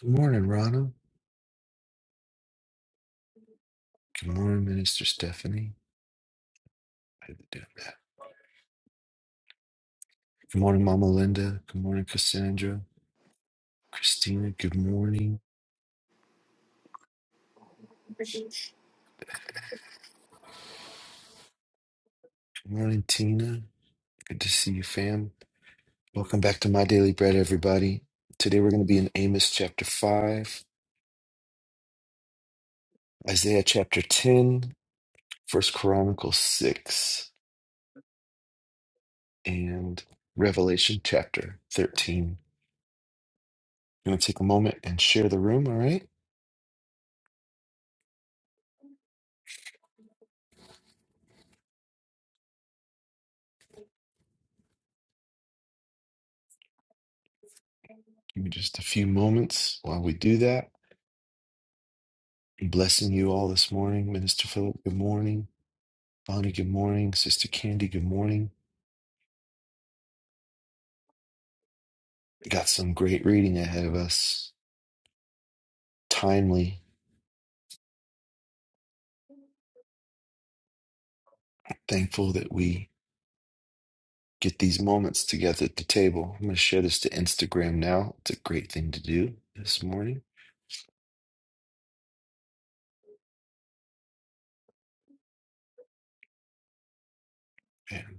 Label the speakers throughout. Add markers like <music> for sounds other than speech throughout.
Speaker 1: Good morning, Rana. Good morning, Minister Stephanie. I had to do that. Good morning, Mama Linda. Good morning, Cassandra. Christina, good morning.
Speaker 2: I
Speaker 1: Good morning, Tina. Good to see you, fam. Welcome back to My Daily Bread, everybody. Today we're going to be in Amos chapter 5, Isaiah chapter 10, First Chronicles 6, and Revelation chapter 13. I'm going to take a moment and share the room, all right? Give me just a few moments while we do that. Blessing you all this morning, Minister Philip. Good morning. Bonnie, good morning. Sister Candy, good morning. We got some great reading ahead of us. Timely. Thankful that we get these moments together at the table. I'm going to share this to Instagram now. It's a great thing to do this morning. And there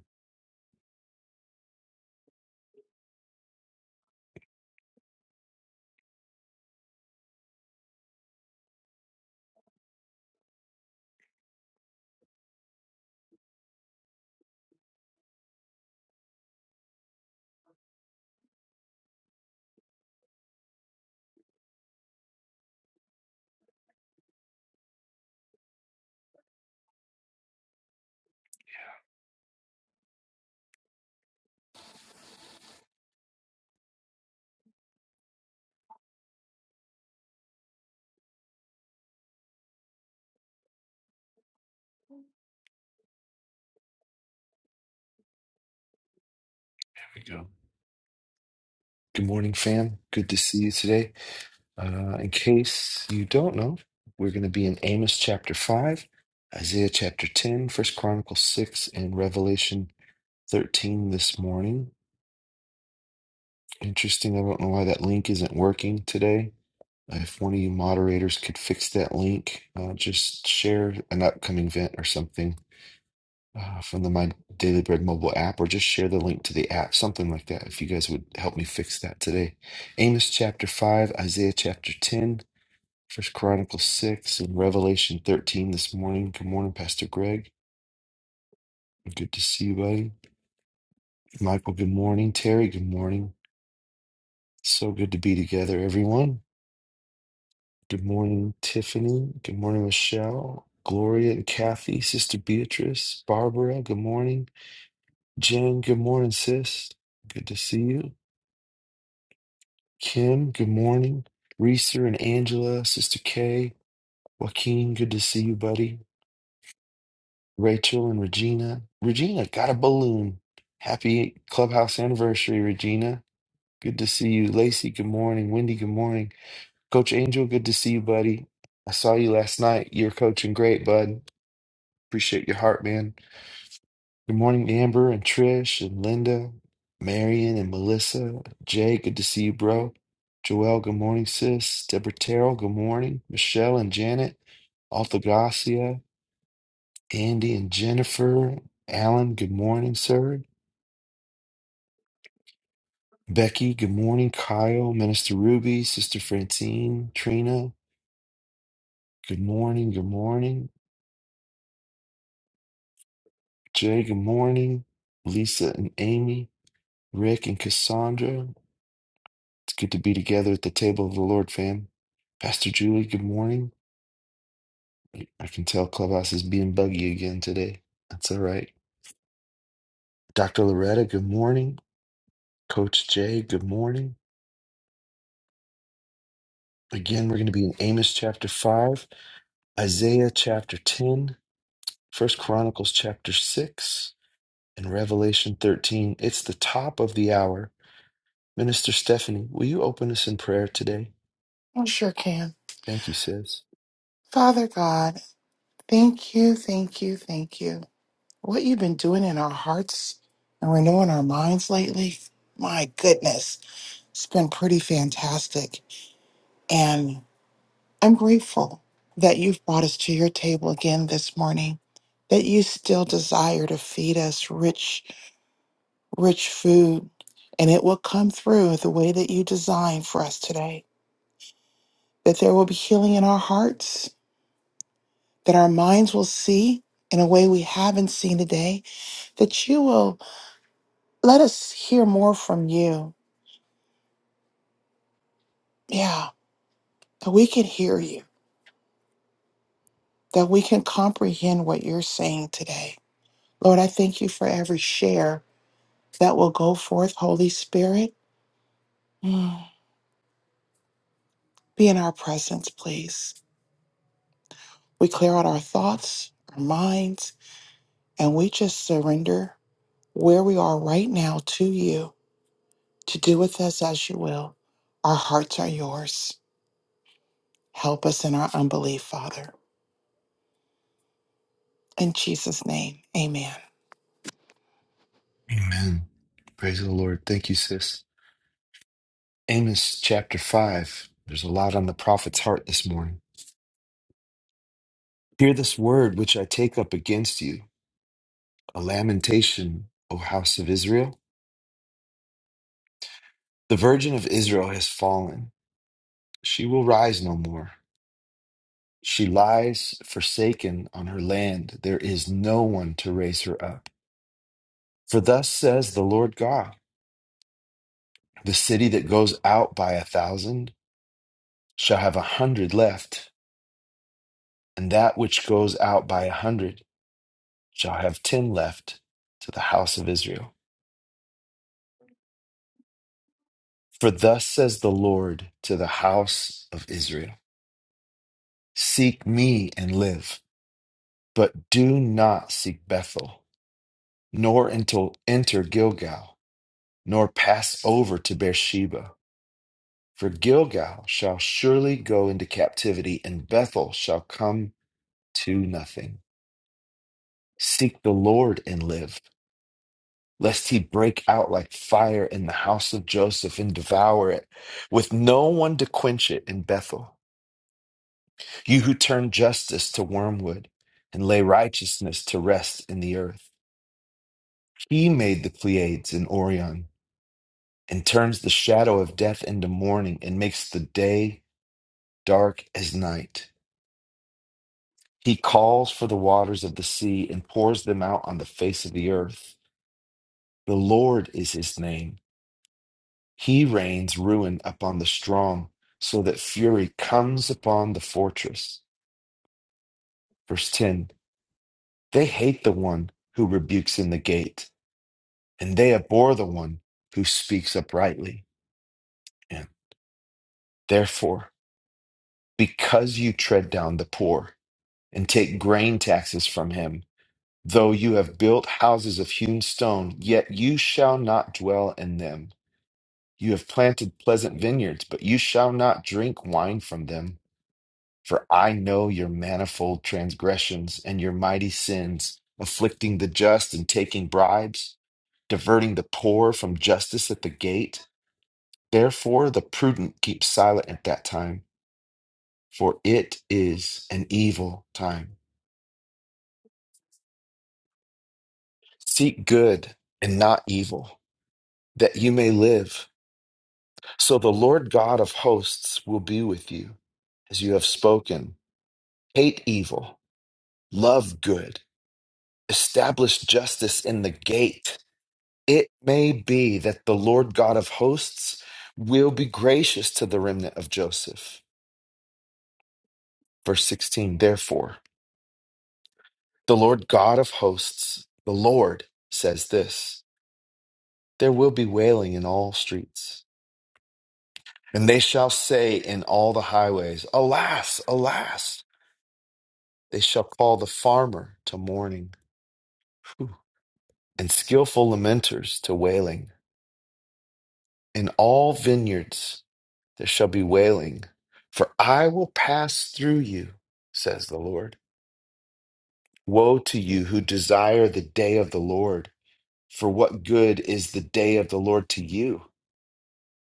Speaker 1: we go. Good morning, fam. Good to see you today. Uh, in case you don't know, we're going to be in Amos chapter 5, Isaiah chapter 10, First Chronicles 6, and Revelation 13 this morning. Interesting. I don't know why that link isn't working today. If one of you moderators could fix that link, uh, just share an upcoming event or something uh, from the My Daily Bread mobile app, or just share the link to the app, something like that. If you guys would help me fix that today. Amos chapter 5, Isaiah chapter 10, First First Chronicles 6, and Revelation 13 this morning. Good morning, Pastor Greg. Good to see you, buddy. Michael, good morning. Terry, good morning. So good to be together, everyone. Good morning, Tiffany. Good morning, Michelle, Gloria, and Kathy, Sister Beatrice, Barbara. Good morning, Jen. Good morning, sis. Good to see you. Kim, good morning. Reeser and Angela, Sister Kay, Joaquin, good to see you, buddy. Rachel and Regina. Regina got a balloon. Happy clubhouse anniversary, Regina. Good to see you. Lacey, good morning. Wendy, good morning. Coach Angel, good to see you, buddy. I saw you last night. You're coaching great, bud. Appreciate your heart, man. Good morning, Amber and Trish and Linda, Marion and Melissa. Jay, good to see you, bro. Joelle, good morning, sis. Deborah Terrell, good morning. Michelle and Janet, Altagracia, Andy and Jennifer. Alan, good morning, sir. Becky, good morning. Kyle, Minister Ruby, Sister Francine, Trina, good morning, good morning. Jay, good morning. Lisa and Amy, Rick and Cassandra. Good to be together at the table of the Lord, fam. Pastor Julie, good morning. I can tell Clubhouse is being buggy again today. That's all right. Dr. Loretta, good morning. Coach Jay, good morning. Again, we're going to be in Amos chapter 5, Isaiah chapter 10, First Chronicles chapter 6, and Revelation 13. It's the top of the hour. Minister Stephanie, will you open us in prayer today?
Speaker 2: sure can.
Speaker 1: Thank you, sis.
Speaker 2: Father God, thank you, thank you, thank you. What you've been doing in our hearts and renewing our minds lately, my goodness, it's been pretty fantastic. And I'm grateful that you've brought us to your table again this morning, that you still desire to feed us rich, rich food. And it will come through the way that you designed for us today, that there will be healing in our hearts that our minds will see in a way we haven't seen today, that you will let us hear more from you. Yeah, that we can hear you, that we can comprehend what you're saying today. Lord, I thank you for every share that will go forth, Holy Spirit. Mm. Be in our presence, please. We clear out our thoughts, our minds, and we just surrender where we are right now to you to do with us as you will. Our hearts are yours. Help us in our unbelief, Father. In Jesus' name, amen.
Speaker 1: Amen. Praise the Lord. Thank you, sis. Amos chapter 5. There's a lot on the prophet's heart this morning. Hear this word which I take up against you, a lamentation, O house of Israel. The virgin of Israel has fallen. She will rise no more. She lies forsaken on her land. There is no one to raise her up. For thus says the Lord God The city that goes out by a thousand shall have a hundred left, and that which goes out by a hundred shall have ten left to the house of Israel. For thus says the Lord to the house of Israel Seek me and live, but do not seek Bethel, nor until enter Gilgal, nor pass over to Beersheba. For Gilgal shall surely go into captivity, and Bethel shall come to nothing. Seek the Lord and live, lest he break out like fire in the house of Joseph and devour it, with no one to quench it in Bethel. You who turn justice to wormwood and lay righteousness to rest in the earth. He made the Pleiades and Orion and turns the shadow of death into morning and makes the day dark as night. He calls for the waters of the sea and pours them out on the face of the earth. The Lord is his name. He rains ruin upon the strong, so that fury comes upon the fortress. Verse 10 They hate the one who rebukes in the gate. and they abhor the one who speaks uprightly. And therefore, because you tread down the poor and take grain taxes from him, though you have built houses of hewn stone, yet you shall not dwell in them. You have planted pleasant vineyards, but you shall not drink wine from them. For I know your manifold transgressions and your mighty sins, afflicting the just and taking bribes, diverting the poor from justice at the gate Therefore, the prudent keep silent at that time, for it is an evil time. Seek good and not evil, that you may live. So the Lord God of hosts will be with you, as you have spoken. Hate evil, love good, establish justice in the gate. It may be that the Lord God of hosts will be gracious to the remnant of Joseph. Verse 16, therefore. The Lord God of hosts, the Lord, says this There will be wailing in all streets, and they shall say in all the highways, Alas, alas! They shall call the farmer to mourning, Whew. and skillful lamenters to wailing. In all vineyards there shall be wailing, for I will pass through you, says the Lord. Woe to you who desire the day of the Lord, for what good is the day of the Lord to you?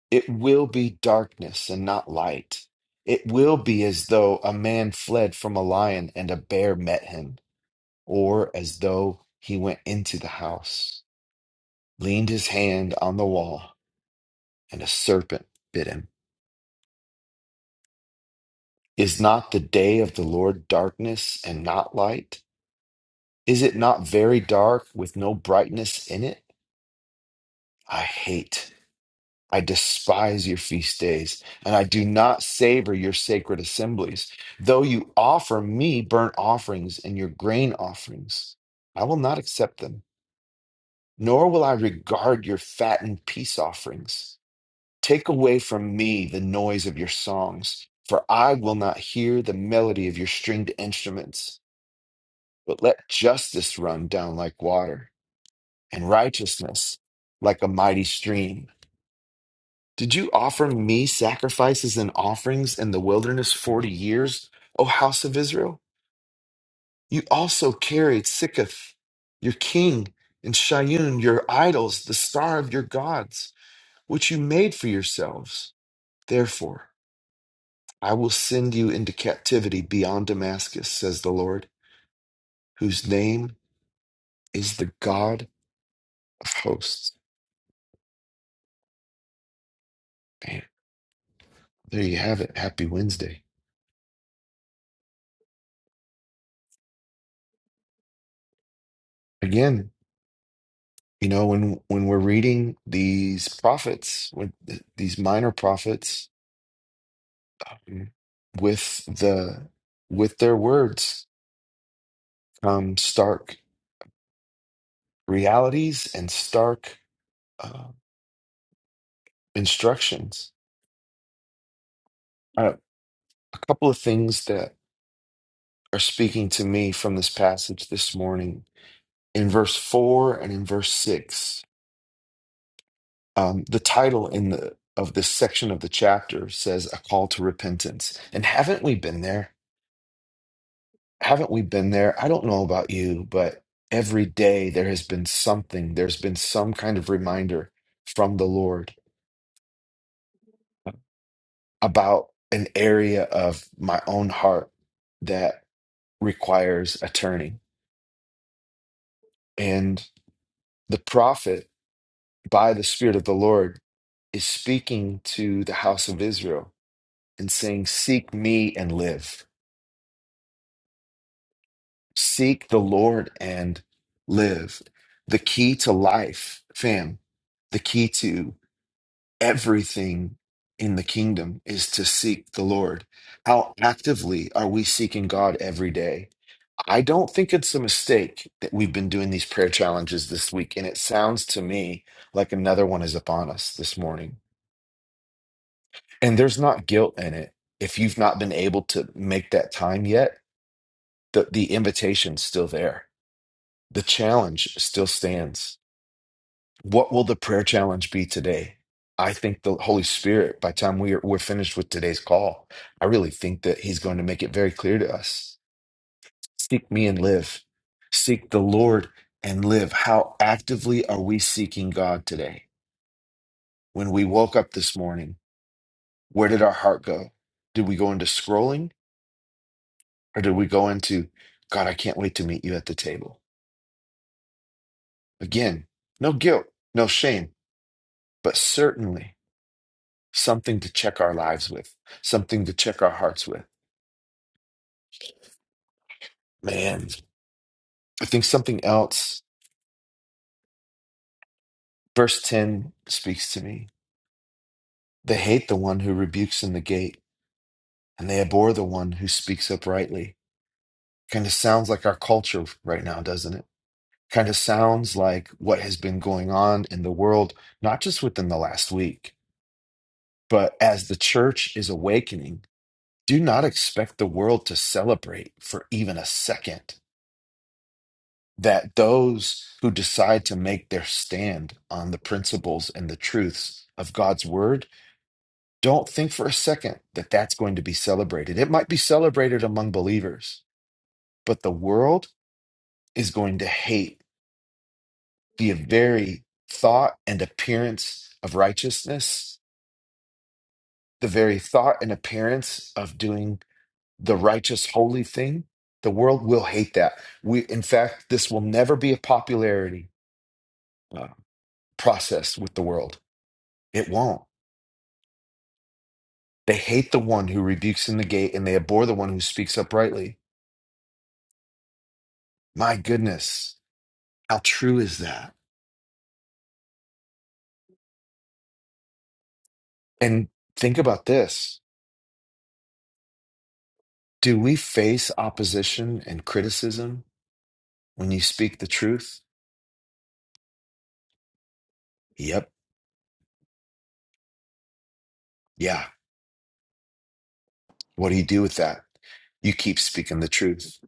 Speaker 1: It will be darkness and not light. It will be as though a man fled from a lion and a bear met him, or as though he went into the house, leaned his hand on the wall, and a serpent bit him. Is not the day of the Lord darkness and not light? Is it not very dark with no brightness in it? I hate. I despise your feast days, and I do not savor your sacred assemblies. Though you offer me burnt offerings and your grain offerings, I will not accept them, nor will I regard your fattened peace offerings. Take away from me the noise of your songs, for I will not hear the melody of your stringed instruments. But let justice run down like water, and righteousness like a mighty stream. Did you offer me sacrifices and offerings in the wilderness 40 years, O house of Israel? You also carried Sikkoth, your king, and Shayun, your idols, the star of your gods, which you made for yourselves. Therefore, I will send you into captivity beyond Damascus, says the Lord, whose name is the God of hosts. Man, there you have it. Happy Wednesday. Again, You know, when when we're reading these prophets, with th- these minor prophets, um, with the with their words come stark realities and stark uh, instructions. Uh, a couple of things that are speaking to me from this passage this morning in verse four and in verse six. Um, the title in the of this section of the chapter says a call to repentance. And haven't we been there? haven't we been there? I don't know about you, but every day there has been something, there's been some kind of reminder from the Lord about an area of my own heart that requires a turning. And the prophet, by the Spirit of the Lord, is speaking to the house of Israel and saying, Seek me and live. Seek the Lord and live. The key to life, fam, the key to everything in the kingdom is to seek the Lord. How actively are we seeking God every day? I don't think it's a mistake that we've been doing these prayer challenges this week. And it sounds to me like another one is upon us this morning. And there's not guilt in it. If you've not been able to make that time yet, the, the invitation's still there. The challenge still stands What will the prayer challenge be today? I think the Holy Spirit, by the time we are, we're finished with today's call, I really think that He's going to make it very clear to us. Seek me and live. Seek the Lord and live. How actively are we seeking God today? When we woke up this morning, where did our heart go? Did we go into scrolling or did we go into, God, I can't wait to meet you at the table? Again, no guilt, no shame, but certainly something to check our lives with, something to check our hearts with. Man, I think something else, verse 10 speaks to me. They hate the one who rebukes in the gate, and they abhor the one who speaks uprightly. Kind of sounds like our culture right now, doesn't it? Kind of sounds like what has been going on in the world, not just within the last week, but as the church is awakening, do not expect the world to celebrate for even a second that those who decide to make their stand on the principles and the truths of God's word don't think for a second that that's going to be celebrated. It might be celebrated among believers, but the world is going to hate the very thought and appearance of righteousness, the very thought and appearance of doing the righteous, holy thing. The world will hate that. We, in fact, this will never be a popularity uh, process with the world. It won't They hate the one who rebukes in the gate, and they abhor the one who speaks uprightly. My goodness, how true is that? And think about this do we face opposition and criticism when you speak the truth? Yep. Yeah. What do you do with that? You keep speaking the truth.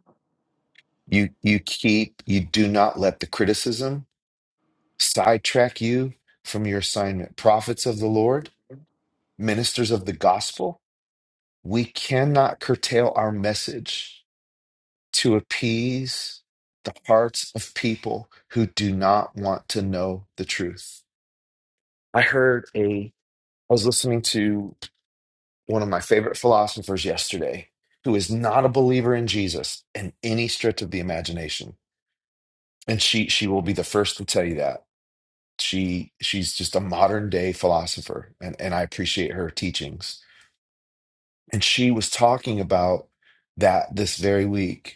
Speaker 1: You, you keep, you do not let the criticism sidetrack you from your assignment. Prophets of the Lord, ministers of the gospel, we cannot curtail our message to appease the hearts of people who do not want to know the truth. I heard a, I was listening to one of my favorite philosophers yesterday who is not a believer in Jesus in any stretch of the imagination. And she, she will be the first to tell you that. She, she's just a modern day philosopher and, and I appreciate her teachings. And she was talking about that this very week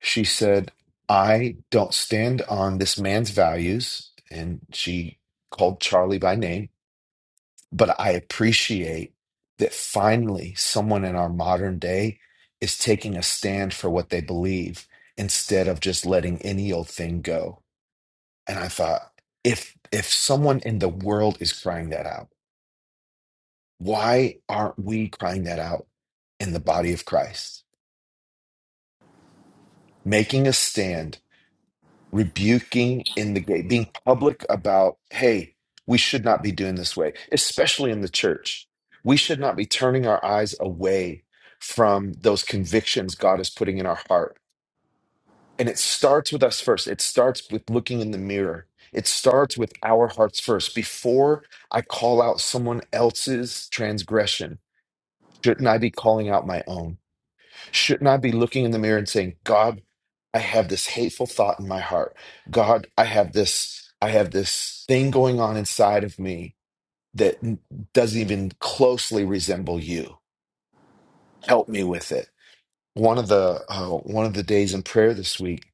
Speaker 1: She said, I don't stand on this man's values. And she called Charlie by name, but I appreciate that finally someone in our modern day is taking a stand for what they believe instead of just letting any old thing go. And I thought, if if someone in the world is crying that out, why aren't we crying that out in the body of Christ? Making a stand rebuking in the gate, being public about, hey, we should not be doing this way, especially in the church. We should not be turning our eyes away from those convictions God is putting in our heart. And it starts with us first. It starts with looking in the mirror. It starts with our hearts first. Before I call out someone else's transgression, shouldn't I be calling out my own? Shouldn't I be looking in the mirror and saying, God, I have this hateful thought in my heart. God, I have this, I have this thing going on inside of me that n- doesn't even closely resemble you. Help me with it. One of the uh, one of the days in prayer this week,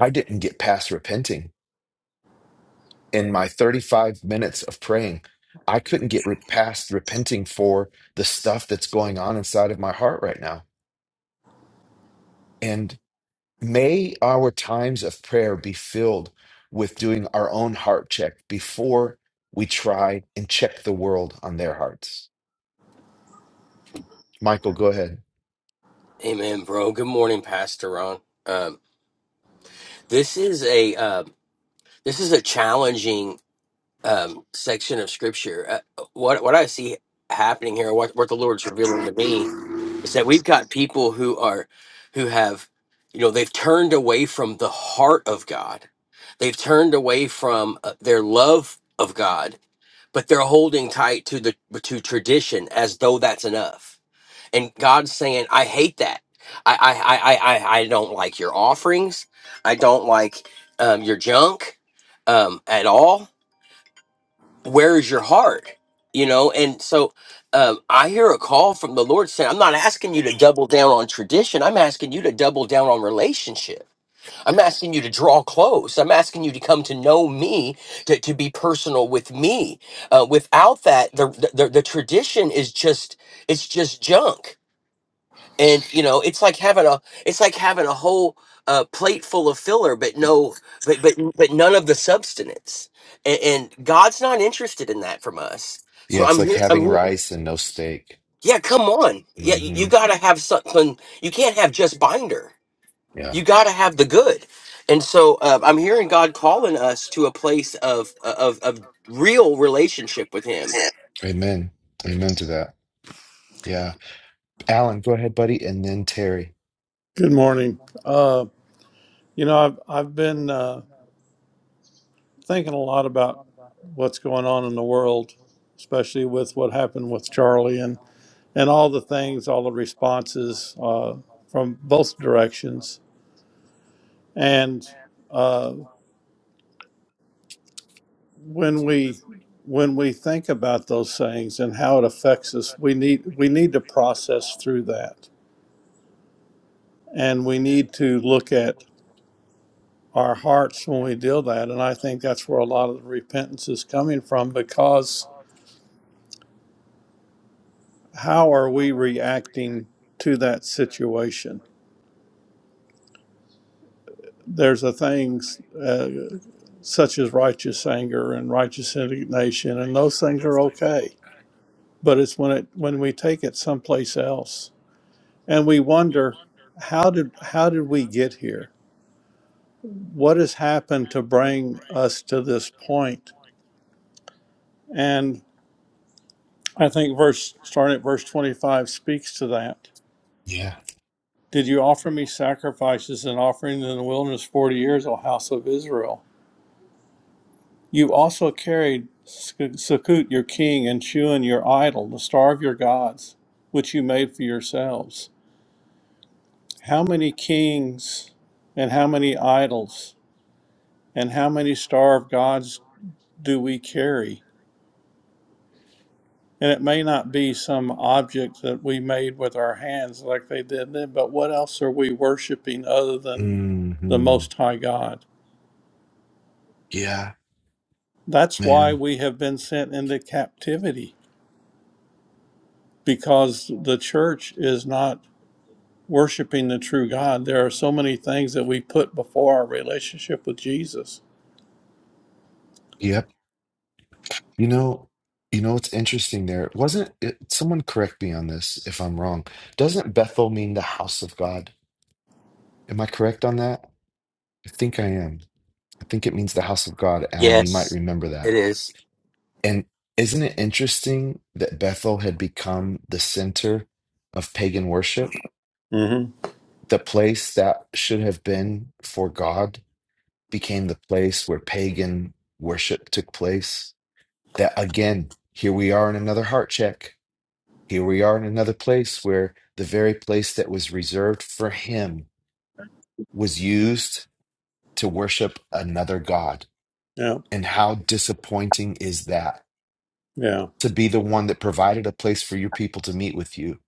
Speaker 1: I didn't get past repenting. In my 35 minutes of praying, I couldn't get re- past repenting for the stuff that's going on inside of my heart right now. and. May our times of prayer be filled with doing our own heart check before we try and check the world on their hearts. Michael, go ahead.
Speaker 3: Amen, bro. Good morning, Pastor Ron. Um, this is a um, this is a challenging um, section of Scripture. Uh, what what I see happening here, what what the Lord's revealing to me, is that we've got people who are who have, you know, they've turned away from the heart of God. They've turned away from uh, their love of God, but they're holding tight to the to tradition as though that's enough and God's saying, I hate that. I I I I, I I don't like your offerings. I don't like um, your junk um, at all. Where is your heart? You know, and so um, I hear a call from the Lord saying, I'm not asking you to double down on tradition. I'm asking you to double down on relationship. I'm asking you to draw close. I'm asking you to come to know me, to, to be personal with me. Uh, without that, the, the, the the tradition is just, it's just junk and you know it's like having a it's like having a whole uh, plate full of filler but no but but but none of the substance and, and god's not interested in that from us
Speaker 1: Yeah,
Speaker 3: so
Speaker 1: it's
Speaker 3: i'm
Speaker 1: like
Speaker 3: here i'm
Speaker 1: having
Speaker 3: here
Speaker 1: rice and no steak.
Speaker 3: yeah come on yeah you you
Speaker 1: hmm
Speaker 3: gotta have something you can't have just binder
Speaker 1: Yeah.
Speaker 3: you gotta have the good and so uh, i'm hearing god calling us to a place of of of real relationship with him
Speaker 1: Amen. Amen to that. Yeah. Alan, go ahead, buddy. And then Terry.
Speaker 4: Good morning. Uh, you know, I've I've been uh, thinking a lot about what's going on in the world, especially with what happened with Charlie and and all the things, all the responses uh, from both directions. And uh, when we when we think about those things and how it affects us, we need we need to process through that, and we need to look at our hearts when we deal that. And I think that's where a lot of the repentance is coming from because how are we reacting to that situation? There's a things uh, such as righteous anger and righteous indignation, and those things are okay. But it's when it when we take it someplace else, and we wonder how did how did we get here? What has happened to bring us to this point? And I think verse starting at verse 25 speaks to that.
Speaker 1: Yeah.
Speaker 4: Did you offer me sacrifices and offering in the wilderness 40 years, O house of Israel? You also carried Suk- Sukkot your king and Shuan your idol, the star of your gods, which you made for yourselves. How many kings and how many idols and how many star of gods do we carry? And it may not be some object that we made with our hands like they did then, but what else are we worshiping other than the
Speaker 1: hmm
Speaker 4: Most High God?
Speaker 1: Yeah,
Speaker 4: That's why
Speaker 1: man.
Speaker 4: we have been sent into captivity because the church is not worshiping the true God, there are so many things that we put before our relationship with Jesus.
Speaker 1: Yep. You know, you know what's interesting there? It Wasn't it, someone correct me on this if I'm wrong. Doesn't Bethel mean the house of God? Am I correct on that? I think I am. I think it means the house of God, Alan. You might
Speaker 3: yes
Speaker 1: remember
Speaker 3: it
Speaker 1: that.
Speaker 3: is
Speaker 1: And isn't it interesting that Bethel had become the center of pagan worship?
Speaker 4: hmm
Speaker 1: The place that should have been for God became the place where pagan worship took place. That again, here we are in another heart check. Here we are in another place where the very place that was reserved for him was used to worship another God
Speaker 4: Yeah,
Speaker 1: And how disappointing is that
Speaker 4: yeah.
Speaker 1: to be the one that provided a place for your people to meet with you,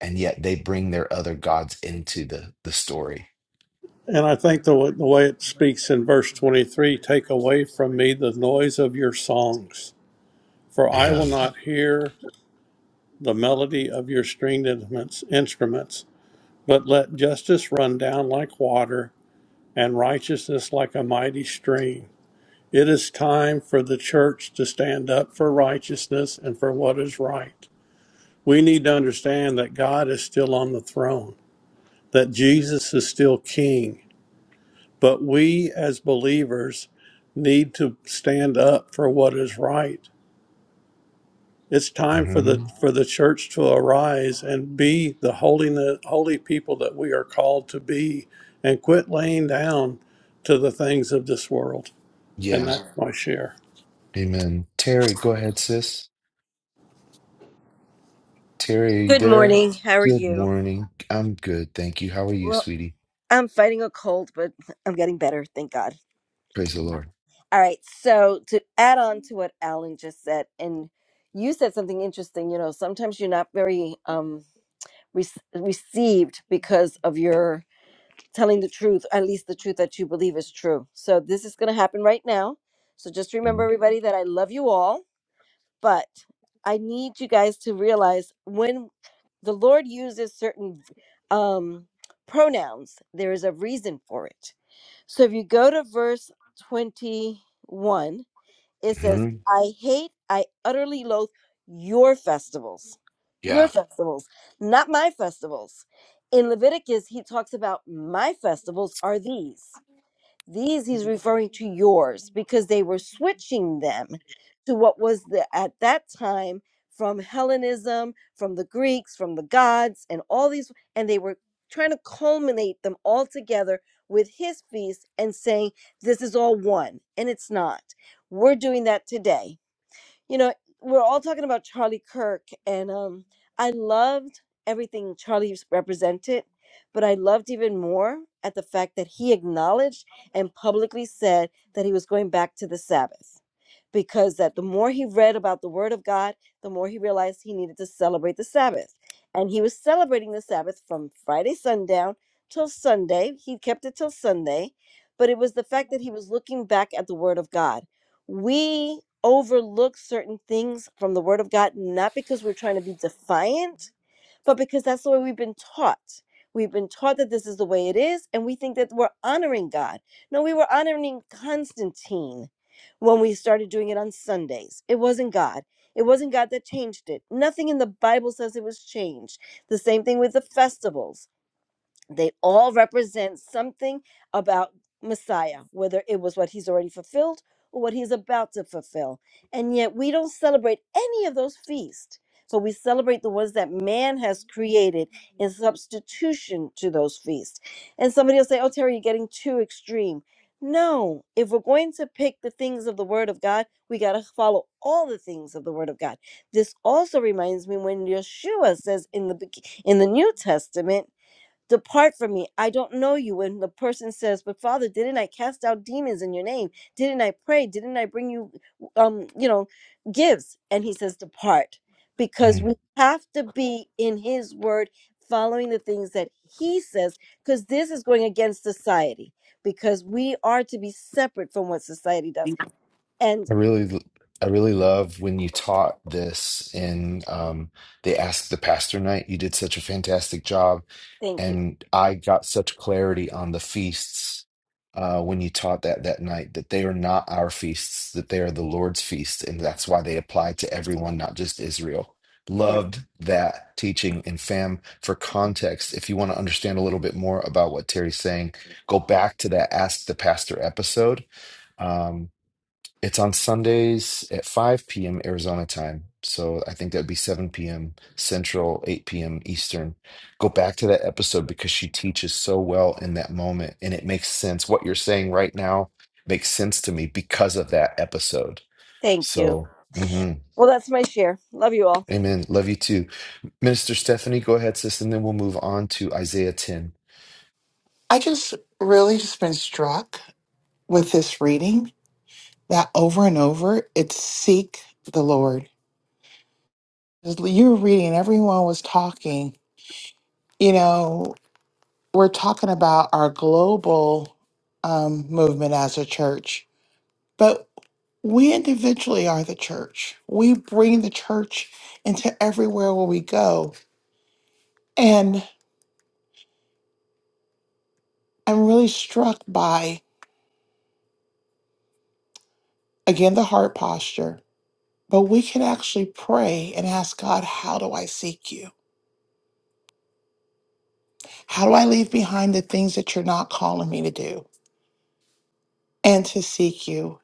Speaker 1: and yet they bring their other gods into the, the story?
Speaker 4: And I think the, the way it speaks in verse 23 take away from me the noise of your songs, for I will
Speaker 1: Man.
Speaker 4: not hear the melody of your stringed instruments, but let justice run down like water and righteousness like a mighty stream. It is time for the church to stand up for righteousness and for what is right. We need to understand that God is still on the throne, that Jesus is still king, but we as believers need to stand up for what is right. It's time for the
Speaker 1: Mhm.
Speaker 4: for the church to arise and be the holy holy people that we are called to be and quit laying down to the things of this world. And
Speaker 1: Yeah.
Speaker 4: that's my share.
Speaker 1: Amen. Terry, go ahead, sis. Terry, are you
Speaker 5: Good
Speaker 1: there?
Speaker 5: morning. How are
Speaker 1: Good
Speaker 5: you?
Speaker 1: morning. I'm good. Thank you. How are you,
Speaker 5: Well,
Speaker 1: sweetie?
Speaker 5: I'm fighting a cold, but I'm getting better, thank God.
Speaker 1: Praise the Lord.
Speaker 5: All right. So, to add on to what Alan just said, and you said something interesting, you know, sometimes you're not very um re- received because of your telling the truth, at least the truth that you believe is true. So, this is going to happen right now. So, just remember everybody that I love you all but I need you guys to realize when the Lord uses certain um, pronouns, there is a reason for it. So if you go to verse 21, it says,
Speaker 1: hmm
Speaker 5: I hate, I utterly loathe your festivals, your
Speaker 1: Yeah.
Speaker 5: festivals, not my festivals. In Leviticus, he talks about my festivals are these. These he's referring to yours because they were switching them to what was the, at that time from Hellenism, from the Greeks, from the gods, and all these, and they were trying to culminate them all together with his feast and saying, This is all one. And it's not. We're doing that today you know, we're all talking about Charlie Kirk, and um, I loved everything Charlie represented, but I loved even more at the fact that he acknowledged and publicly said that he was going back to the Sabbath because that the more he read about the word of God, the more he realized he needed to celebrate the Sabbath. And he was celebrating the Sabbath from Friday sundown till Sunday. He kept it till Sunday, but it was the fact that he was looking back at the word of God. We overlook certain things from the word of God not because we're trying to be defiant, but because that's the way we've been taught. We've been taught that this is the way it is, and we think that we're honoring God. No, we were honoring Constantine when we started doing it on Sundays. It wasn't God. It wasn't God that changed it. Nothing in the Bible says it was changed. The same thing with the festivals they all represent something about Messiah, whether it was what he's already fulfilled or what he's about to fulfill. And yet we don't celebrate any of those feasts, but we celebrate the ones that man has created in substitution to those feasts. And somebody will say, Oh, Terry, you're getting too extreme. No, if we're going to pick the things of the Word of God, we got to follow all the things of the Word of God. This also reminds me when Yeshua says in the beg- in the New Testament Depart from me. I don't know you. When the person says, But Father, didn't I cast out demons in your name? Didn't I pray? Didn't I bring you, um, you know, gifts?" And he says, Depart. Because we have to be in his word, following the things that he says, because this is going against society, because we are to be separate from what society does. And
Speaker 1: I really, I really love when you taught this in um, the Ask the Pastor night. You did such a fantastic job,
Speaker 5: thank you.
Speaker 1: and I got such clarity on the feasts uh, when you taught that that night. That they are not our feasts; that they are the Lord's feasts, and that's why they apply to everyone, not just Israel.
Speaker 5: Correct.
Speaker 1: Loved that teaching. And fam, for context, if you want to understand a little bit more about what Terry's saying, go back to that Ask the Pastor episode um, it's on Sundays at 5 p.m. Arizona time. So I think that'd be 7 p.m. Central, 8 p.m. Eastern. Go back to that episode because she teaches so well in that moment. And it makes sense. What you're saying right now makes sense to me because of that episode.
Speaker 5: Thank you.
Speaker 1: So, hmm
Speaker 5: Well, that's my share. Love you all.
Speaker 1: amen. Love you too. Minister Stephanie, go ahead, sis, and then we'll move on to Isaiah 10.
Speaker 2: I just really just been struck with this reading that over and over it's seek the Lord. You were reading, everyone was talking. You know, we're talking about our global um, movement as a church, but we individually are the church. We bring the church into everywhere where we go. And I'm really struck by. Again, the heart posture. But we can actually pray and ask God, How do I seek you? How do I leave behind the things that you're not calling me to do and to seek you?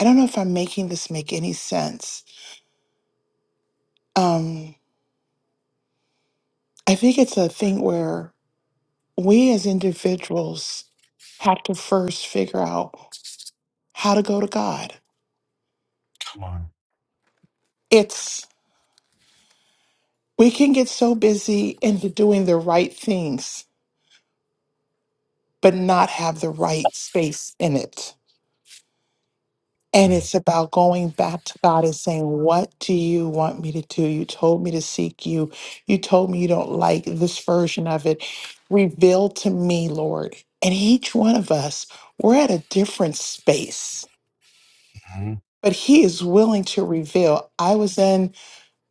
Speaker 2: I don't know if I'm making this make any sense. Um, I think it's a thing where we as individuals have to first figure out how to go to God.
Speaker 1: Come on,
Speaker 2: It's, we can get so busy into doing the right things, but not have the right space in it And
Speaker 1: man.
Speaker 2: it's about going back to God and saying, What do you want me to do? You told me to seek you. You told me you don't like this version of it. Reveal to me, Lord. And each one of us, we're at a different space, but He is willing to reveal. I was in,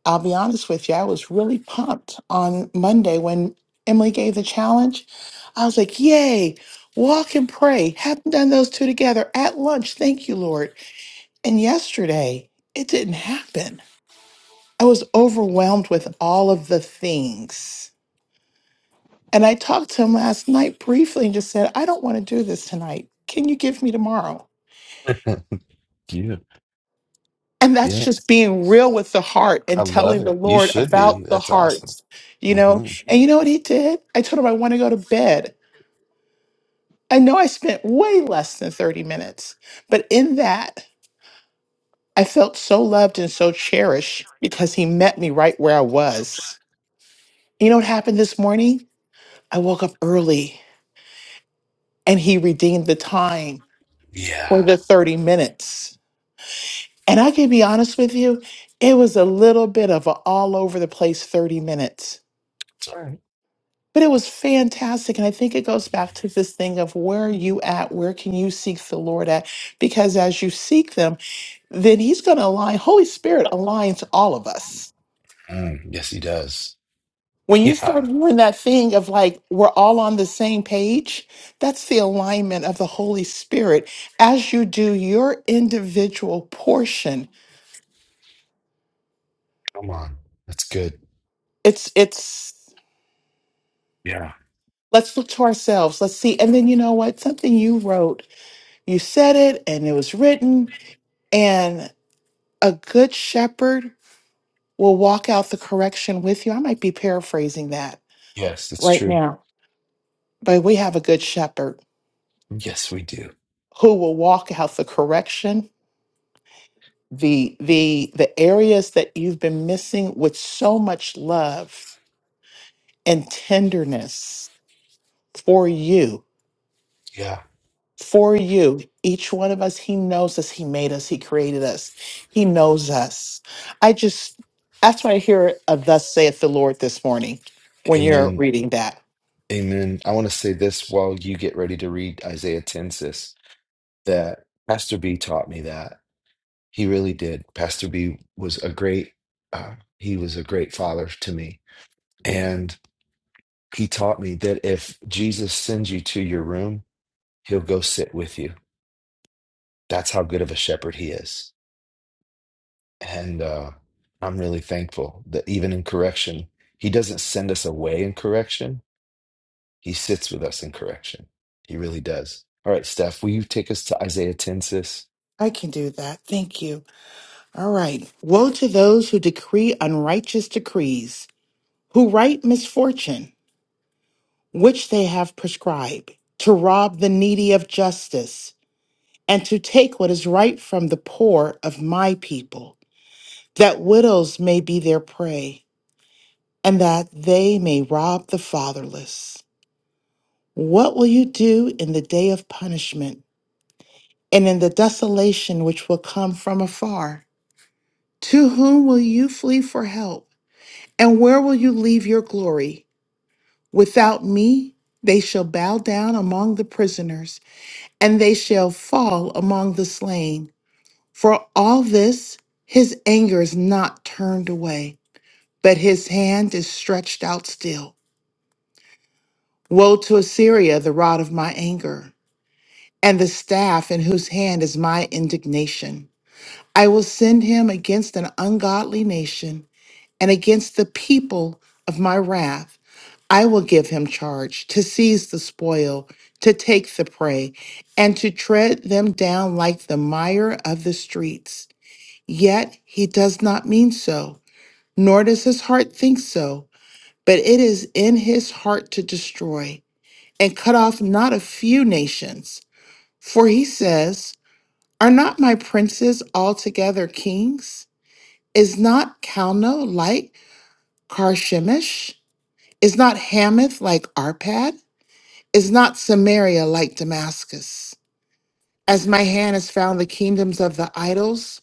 Speaker 2: I'll be honest with you, I was really pumped on Monday when Emily gave the challenge. I was like, Yay, walk and pray. Haven't done those two together at lunch. Thank you, Lord. And yesterday, it didn't happen. I was overwhelmed with all of the things. And I talked to him last night briefly and just said, I don't want to do this tonight. Can you give me tomorrow?
Speaker 1: Mhm. <laughs> Yeah.
Speaker 2: And that's
Speaker 1: Yeah.
Speaker 2: just being real with the heart and
Speaker 1: I love
Speaker 2: telling the
Speaker 1: it. You
Speaker 2: Lord
Speaker 1: should
Speaker 2: about
Speaker 1: be.
Speaker 2: the
Speaker 1: That's awesome.
Speaker 2: hearts, you know?
Speaker 1: hmm
Speaker 2: And you know what he did? I told him I want to go to bed. I know I spent way less than 30 minutes, but in that, I felt so loved and so cherished because he met me right where I was. You know what happened this morning? I woke up early and he redeemed the time for
Speaker 1: Yeah.
Speaker 2: the 30 minutes. And I can be honest with you, it was a little bit of a all over the place 30 minutes,
Speaker 1: It's all right.
Speaker 2: but it was fantastic. And I think it goes back to this thing of where are you at? Where can you seek the Lord at? Because as you seek them, then he's going to align, Holy Spirit aligns all of us.
Speaker 1: Mm, yes, he does.
Speaker 2: When
Speaker 1: <laughs>
Speaker 2: you start
Speaker 1: Yeah.
Speaker 2: doing that thing of like, we're all on the same page, that's the alignment of the Holy Spirit. As you do your individual portion,
Speaker 1: Come on. That's good.
Speaker 2: it's, it's,
Speaker 1: Yeah.
Speaker 2: let's look to ourselves. Let's see. And then you know what? Something you wrote, you said it and it was written. And a good shepherd will walk out the correction with you. I might be paraphrasing that
Speaker 1: Yes, it's
Speaker 2: right
Speaker 1: true.
Speaker 2: now, but we have a good shepherd
Speaker 1: Yes, we do.
Speaker 2: who will walk out the correction the the the areas that you've been missing with so much love and tenderness for you
Speaker 1: Yeah.
Speaker 2: for you each one of us he knows us he made us he created us he knows us i just that's why i hear a thus saith the lord this morning when you're
Speaker 1: Amen.
Speaker 2: reading that
Speaker 1: Amen. I want to say this while you get ready to read Isaiah 10, sis, that Pastor B taught me that. He really did. Pastor B was a great, uh, he was a great father to me. And he taught me that if Jesus sends you to your room, he'll go sit with you. That's how good of a shepherd he is. And uh, I'm really thankful that even in correction, he doesn't send us away in correction. He sits with us in correction. He really does. All right, Steph, will you take us to Isaiah 10, sis?
Speaker 2: i can do that thank you All right. Woe to those who decree unrighteous decrees, who write misfortune, which they have prescribed, to rob the needy of justice, and to take what is right from the poor of my people, that widows may be their prey, and that they may rob the fatherless. What will you do in the day of punishment, and in the desolation which will come from afar? To whom will you flee for help? And where will you leave your glory? Without me, they shall bow down among the prisoners, and they shall fall among the slain. For all this, his anger is not turned away, but his hand is stretched out still. Woe to Assyria, the rod of my anger, and the staff in whose hand is my indignation. I will send him against an ungodly nation and against the people of my wrath. I will give him charge to seize the spoil, to take the prey, and to tread them down like the mire of the streets. Yet he does not mean so, nor does his heart think so, but it is in his heart to destroy and cut off not a few nations. For he says, Are not my princes altogether kings? Is not Calno like Karshemish? Is not Hamath like Arpad? Is not Samaria like Damascus? As my hand has found the kingdoms of the idols,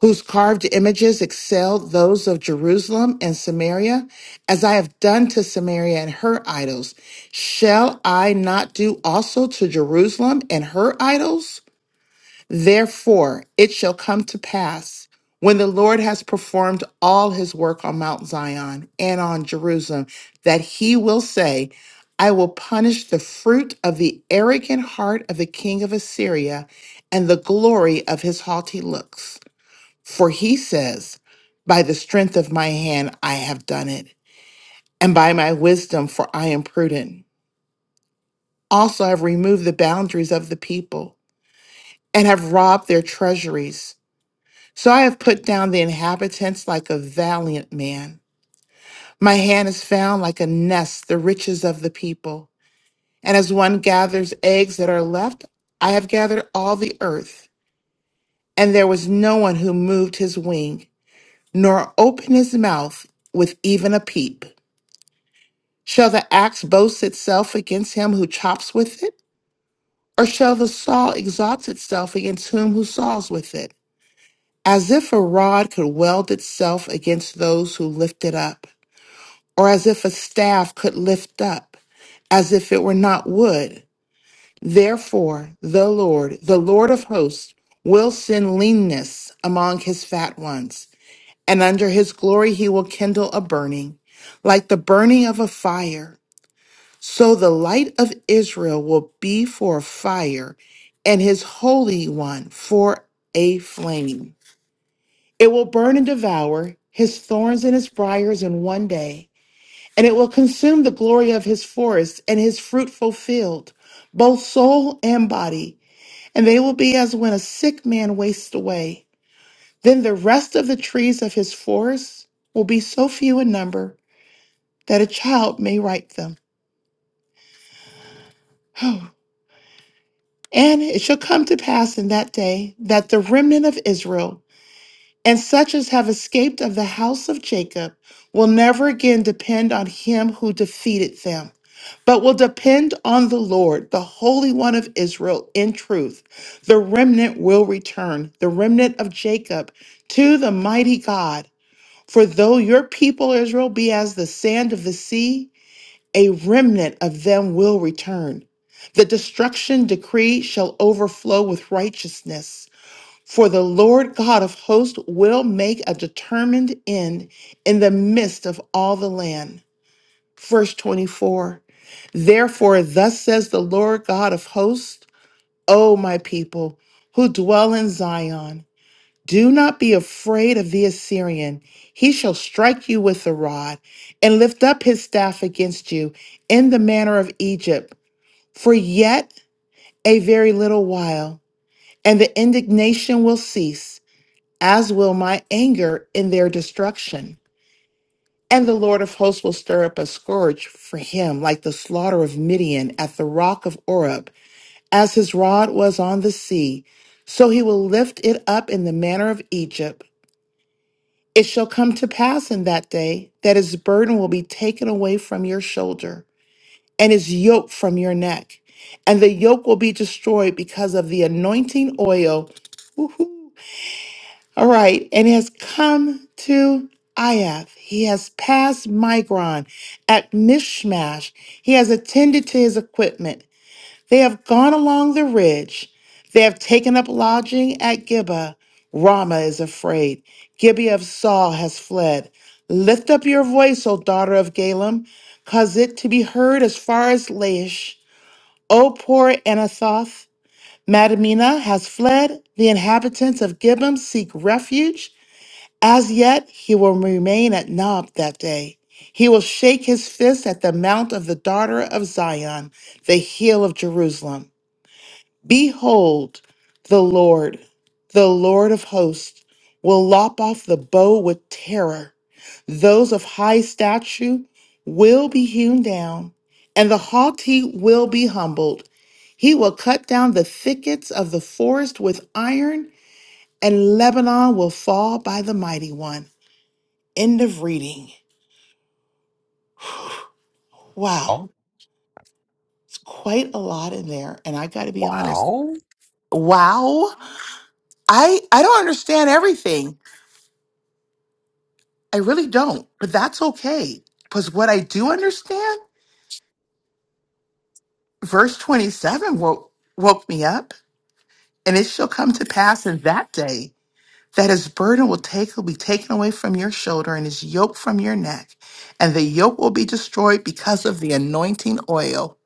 Speaker 2: whose carved images excelled those of Jerusalem and Samaria, as I have done to Samaria and her idols, shall I not do also to Jerusalem and her idols? Therefore, it shall come to pass when the Lord has performed all his work on Mount Zion and on Jerusalem that he will say, I will punish the fruit of the arrogant heart of the king of Assyria and the glory of his haughty looks. For he says, By the strength of my hand I have done it, and by my wisdom, for I am prudent. Also, I have removed the boundaries of the people and have robbed their treasuries. So I have put down the inhabitants like a valiant man. My hand has found like a nest the riches of the people. And as one gathers eggs that are left, I have gathered all the earth. And there was no one who moved his wing, nor opened his mouth with even a peep. Shall the axe boast itself against him who chops with it? Or shall the saw exalt itself against whom who saws with it? As if a rod could weld itself against those who lift it up or as if a staff could lift up, as if it were not wood. Therefore, the Lord, the Lord of hosts, will send leanness among his fat ones, and under his glory he will kindle a burning, like the burning of a fire. So the light of Israel will be for a fire, and his Holy One for a flame. It will burn and devour his thorns and his briars in one day and it will consume the glory of his forest and his fruitful field, both soul and body, and they will be as when a sick man wastes away. Then the rest of the trees of his forest will be so few in number that a child may write them. <sighs> and it shall come to pass in that day that the remnant of Israel and such as have escaped of the house of Jacob will never again depend on him who defeated them but will depend on the Lord, the Holy One of Israel, in truth. The remnant will return, the remnant of Jacob, to the mighty God. For though your people, Israel, be as the sand of the sea, a remnant of them will return. The destruction decree shall overflow with righteousness. For the Lord God of hosts will make a determined end in the midst of all the land. Verse 24 Therefore, thus says the Lord God of hosts, O my people who dwell in Zion, do not be afraid of the Assyrian. He shall strike you with the rod and lift up his staff against you in the manner of Egypt. For yet a very little while, and the indignation will cease, as will my anger in their destruction. And the Lord of hosts will stir up a scourge for him, like the slaughter of Midian at the rock of Oreb, as his rod was on the sea. So he will lift it up in the manner of Egypt. It shall come to pass in that day that his burden will be taken away from your shoulder, and his yoke from your neck. And the yoke will be destroyed because of the anointing oil All right, and has come to Iath. He has passed Migron at Mishmash. He has attended to his equipment. They have gone along the ridge. They have taken up lodging at Gibeah. Rama is afraid. Gibeah of Saul has fled. Lift up your voice, O daughter of Galem, cause it to be heard as far as Laish. O poor Anathoth, Madamina has fled. The inhabitants of Gibeon seek refuge. As yet, he will remain at Nob that day. He will shake his fist at the mount of the daughter of Zion, the hill of Jerusalem. Behold, the Lord, the Lord of hosts, will lop off the bow with terror. Those of high stature will be hewn down, and the haughty will be humbled. He will cut down the thickets of the forest with iron, and Lebanon will fall by the mighty one. End of reading.
Speaker 1: Oh,
Speaker 2: Wow. It's quite a lot in there. And I got to be honest. Wow. I, I don't understand everything. I really don't, but that's okay. Because what I do understand, verse 27 woke, woke me up. And it shall come to pass in that day that his burden will take will be taken away from your shoulder and his yoke from your neck, and the yoke will be destroyed because of the anointing oil.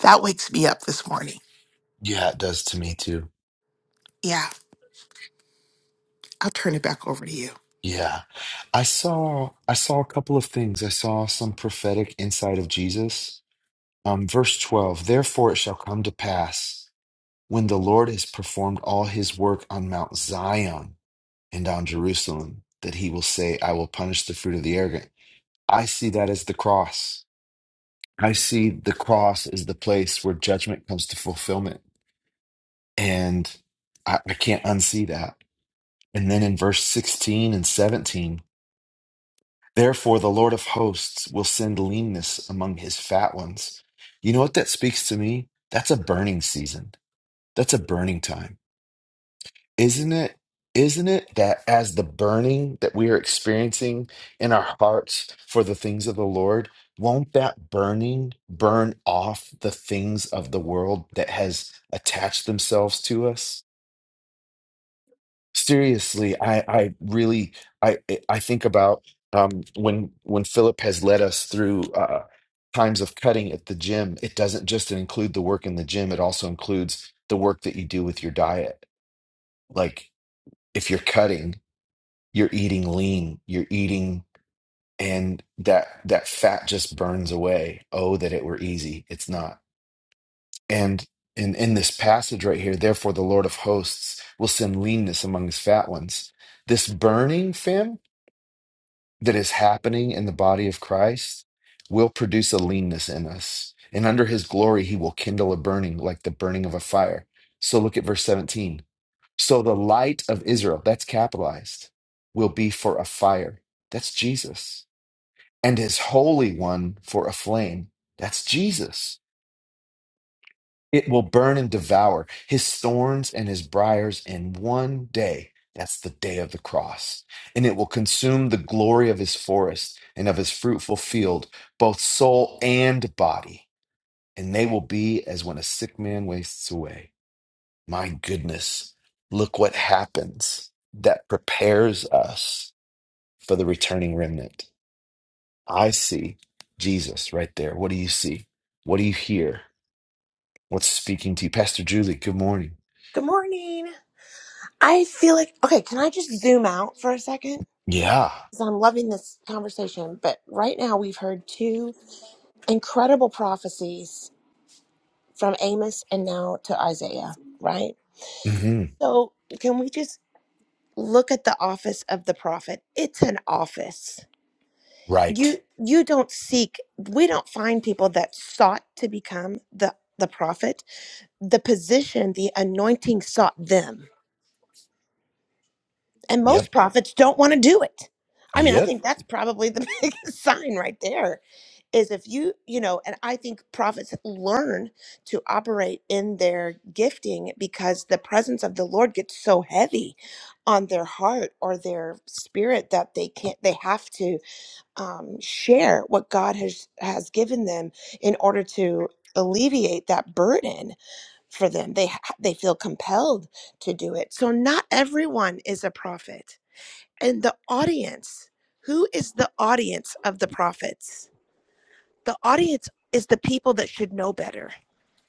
Speaker 2: That wakes me up this morning.
Speaker 1: Yeah, it does to me too.
Speaker 2: Yeah, I'll turn it back over to you.
Speaker 1: Yeah. I saw I saw a couple of things. I saw some prophetic insight of Jesus. Um, verse 12, therefore it shall come to pass when the Lord has performed all his work on Mount Zion and on Jerusalem, that he will say, I will punish the fruit of the arrogant. I see that as the cross. I see the cross as the place where judgment comes to fulfillment. And I, I can't unsee that. And then in verse 16 and 17, therefore the Lord of hosts will send leanness among his fat ones. You know what that speaks to me? That's a burning season. That's a burning time Isn't it isn't it that as the burning that we are experiencing in our hearts for the things of the Lord, won't that burning burn off the things of the world that has attached themselves to us? Seriously, I I really I I think about um when when Philip has led us through uh times of cutting at the gym, it doesn't just include the work in the gym, it also includes the work that you do with your diet. Like if you're cutting you're eating lean you're eating and that that fat just burns away oh that it were easy it's not and in in this passage right here therefore the lord of hosts will send leanness among his fat ones this burning fam that is happening in the body of christ will produce a leanness in us and under his glory he will kindle a burning like the burning of a fire so look at verse 17 so the light of Israel, that's capitalized, will be for a fire. That's Jesus. And his Holy One for a flame. That's Jesus. It will burn and devour his thorns and his briars in one day. That's the day of the cross. And it will consume the glory of his forest and of his fruitful field, both soul and body. And they will be as when a sick man wastes away. My goodness, look what happens that prepares us for the returning remnant. I see Jesus right there. What do you see? What do you hear? What's speaking to you? Pastor Julie, good morning.
Speaker 6: Good morning. I feel like, okay, can I just zoom out for a second?
Speaker 1: Yeah.
Speaker 6: Because I'm loving this conversation. But right now, we've heard two incredible prophecies from Amos and now to Isaiah, right?
Speaker 1: hmm
Speaker 6: So, can we just look at the office of the prophet? It's an office.
Speaker 1: Right.
Speaker 6: You you don't seek we don't find people that sought to become the the prophet. The position, the anointing sought them And
Speaker 1: Yep.
Speaker 6: most prophets don't want to do it. I mean, I
Speaker 1: Yep.
Speaker 6: think that's probably the <laughs> biggest sign right there is if you, you know, and I think prophets learn to operate in their gifting because the presence of the Lord gets so heavy on their heart or their spirit that they can't, they have to um, share what God has, has given them in order to alleviate that burden for them. They, ha- they feel compelled to do it. So not everyone is a prophet and the audience, who is the audience of the prophets? The audience is the people that should know better,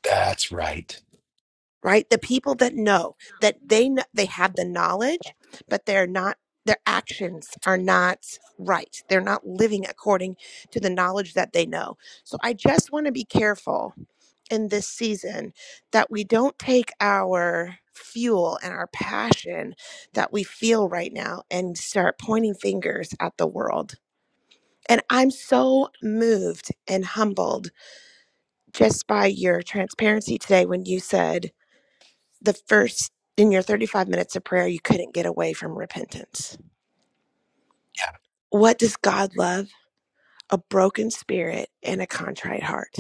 Speaker 1: That's right.
Speaker 6: right? The people that know that they know, they have the knowledge, but they're not their actions are not right. They're not living according to the knowledge that they know. So I just want to be careful in this season that we don't take our fuel and our passion that we feel right now and start pointing fingers at the world And I'm so moved and humbled just by your transparency today when you said the first in your 35 minutes of prayer, you couldn't get away from repentance.
Speaker 1: Yeah.
Speaker 6: What does God love? A broken spirit and a contrite heart,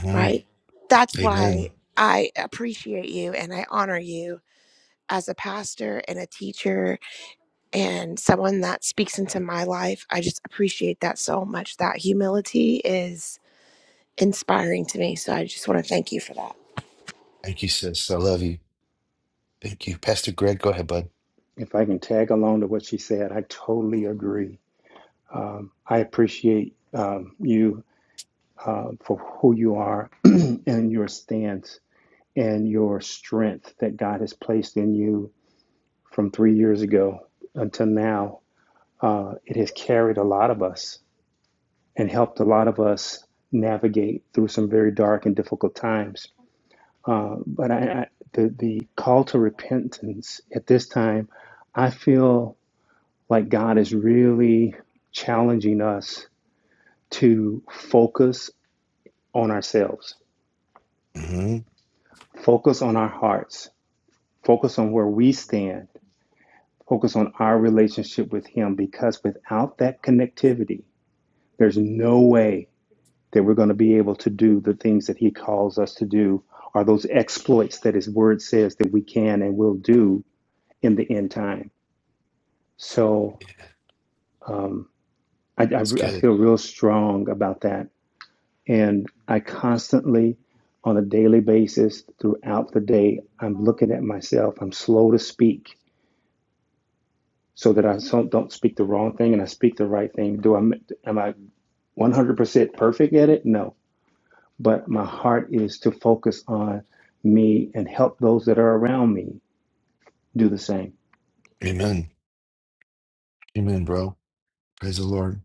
Speaker 1: hmm
Speaker 6: right? That's
Speaker 1: Amen.
Speaker 6: why I appreciate you and I honor you as a pastor and a teacher and someone that speaks into my life. I just appreciate that so much. That humility is inspiring to me. So I just want to thank you for that.
Speaker 1: Thank you, sis. I love you. Thank you. Pastor Greg, go ahead, bud.
Speaker 7: if I can tag along to what she said, I totally agree. Um, I appreciate um, you uh, for who you are and your stance and your strength that God has placed in you from three years ago until now. Uh, it has carried a lot of us and helped a lot of us navigate through some very dark and difficult times. Uh, but I, I, the, the call to repentance at this time, I feel. like God is really challenging us to focus on ourselves,
Speaker 1: hmm
Speaker 7: focus on our hearts, focus on where we stand, focus on our relationship with Him, because without that connectivity, there's no way that we're going to be able to do the things that He calls us to do or those exploits that His Word says that we can and will do in the end time. So
Speaker 1: Yeah.
Speaker 7: um, I, I,
Speaker 1: It's
Speaker 7: I
Speaker 1: good.
Speaker 7: feel real strong about that And I constantly, on a daily basis, throughout the day, I'm looking at myself. I'm slow to speak so that I so- don't speak the wrong thing and I speak the right thing. Do I am I 100% perfect at it? No, but my heart is to focus on me and help those that are around me do the same.
Speaker 1: Amen. Amen, bro. Praise the Lord.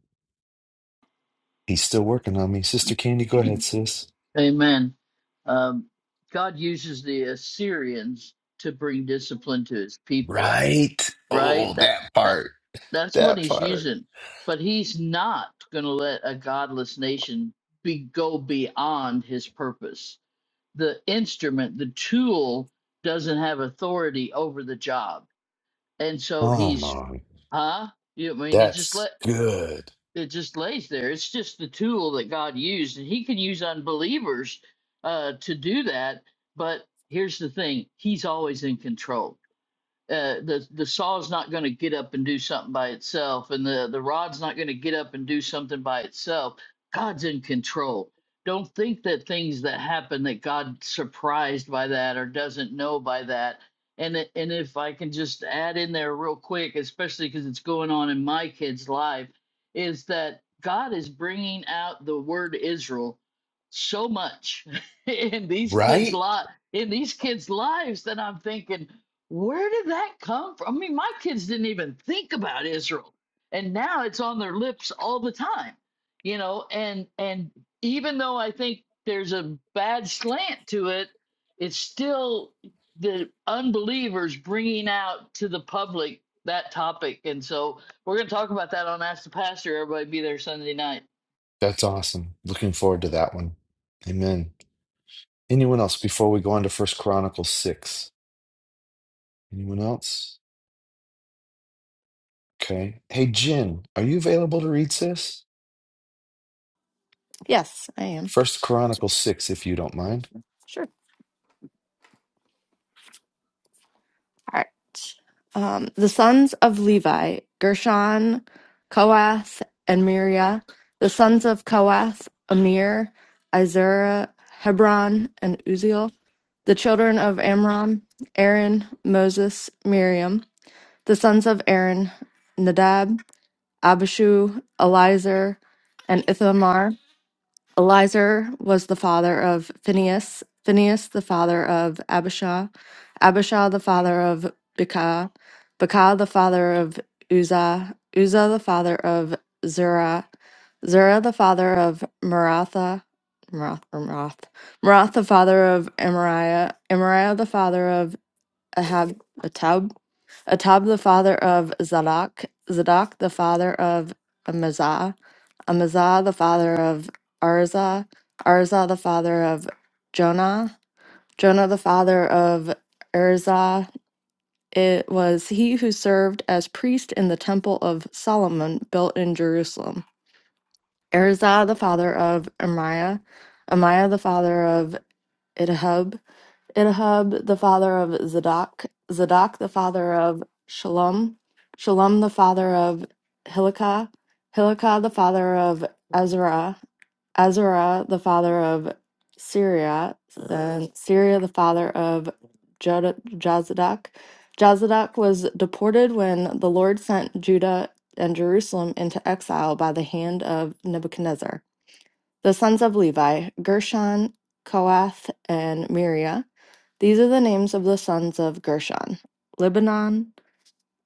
Speaker 1: He's still working on me. Sister Candy, go
Speaker 8: <clears throat>
Speaker 1: ahead, sis.
Speaker 8: Amen. Um, God uses the Assyrians to bring discipline to his people,
Speaker 1: Right?
Speaker 8: right?
Speaker 1: Oh,
Speaker 8: That,
Speaker 1: that
Speaker 8: that
Speaker 1: part.
Speaker 8: that's what
Speaker 1: That
Speaker 8: he's
Speaker 1: part.
Speaker 8: using. But he's not going to let a godless nation be go beyond his purpose. The instrument, the tool doesn't have authority over the job. And so
Speaker 1: Oh
Speaker 8: he's
Speaker 1: my.
Speaker 8: huh? You I mean it just
Speaker 1: That's
Speaker 8: let
Speaker 1: good.
Speaker 8: it just lays there. It's just the tool that God used, and He can use unbelievers uh, to do that. But here's the thing He's always in control uh, the the saw is not going to get up and do something by itself, and the the rod's not going to get up and do something by itself. God's in control. Don't think that things that happen that God surprised by that or doesn't know by that. And it- and if I can just add in there real quick, especially because it's going on in my kid's life, is that God is bringing out the word Israel so much <laughs> in these kids'
Speaker 1: Right?
Speaker 8: lot in these kids' lives that I'm thinking where did that come from? I mean, my kids didn't even think about Israel, and now it's on their lips all the time, you know. And and even though I think there's a bad slant to it, it's still the unbelievers bringing out to the public that topic. And so we're going to talk about that on Ask the Pastor. Everybody be there Sunday night.
Speaker 1: That's awesome. Looking forward to that one. Amen. Anyone else before we go on to First Chronicles six? Anyone else? Okay. Hey Jen, are you available to read, sis?
Speaker 9: Yes, I am.
Speaker 1: First Chronicles six, if you don't mind.
Speaker 9: Sure. All right. Um, the sons of Levi, Gershon, Kohath, and Miriah. The sons of Kohath: Amir, Izerah, Hebron, and Uziel. The children of Amram, Aaron, Moses, Miriam. The sons of Aaron, Nadab, Abishu, Eliezer, and Ithamar. Elizur was the father of Phinehas, Phinehas the father of Abishah, Abishah the father of Bekah, Bekah the father of Uzzah, Uzzah the father of Zerah, Zerah the father of Maratha, Marath or Marath, Marath the father of Amariah, Amariah the father of Ahab, Atab, Atab the father of Zadok, Zadok the father of Amazah, Amazah the father of Arzah, Arzah the father of Jonah, Jonah the father of Erzah. It was he who served as priest in the temple of Solomon built in Jerusalem. Erzah the father of Amiah, Amiah the father of Idhub, Idahab the father of Zadok, Zadok the father of Shalom, Shalom the father of Hilkiah, Hilkiah the father of Ezra, Ezra the father of Syria, and Syria the father of Jod- Jozadak. Jozadak was deported when the Lord sent Judah and Jerusalem into exile by the hand of Nebuchadnezzar. The sons of Levi Gershon, Kohath, and Merari. These are the names of the sons of Gershon Lebanon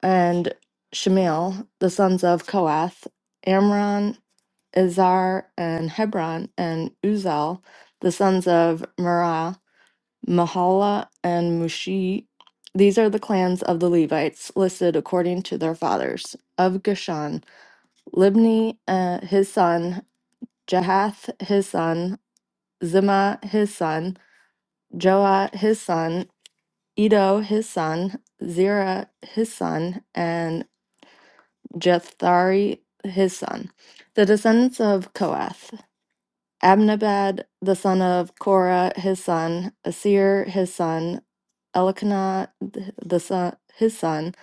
Speaker 9: and Shemiel, the sons of Kohath, Amram, Izhar, and Hebron, and Uzel, the sons of Merah, Mahala, and Mushi. These are the clans of the Levites listed according to their fathers. Of Gershon, Libni, uh, his son, Jahath, his son, Zima, his son, Joah, his son, Edo, his son, Zerah, his son, and Jethari, his son. The descendants of Koath, Abnabad, the son of Korah, his son, Asir, his son, Elkanah, the son, his son,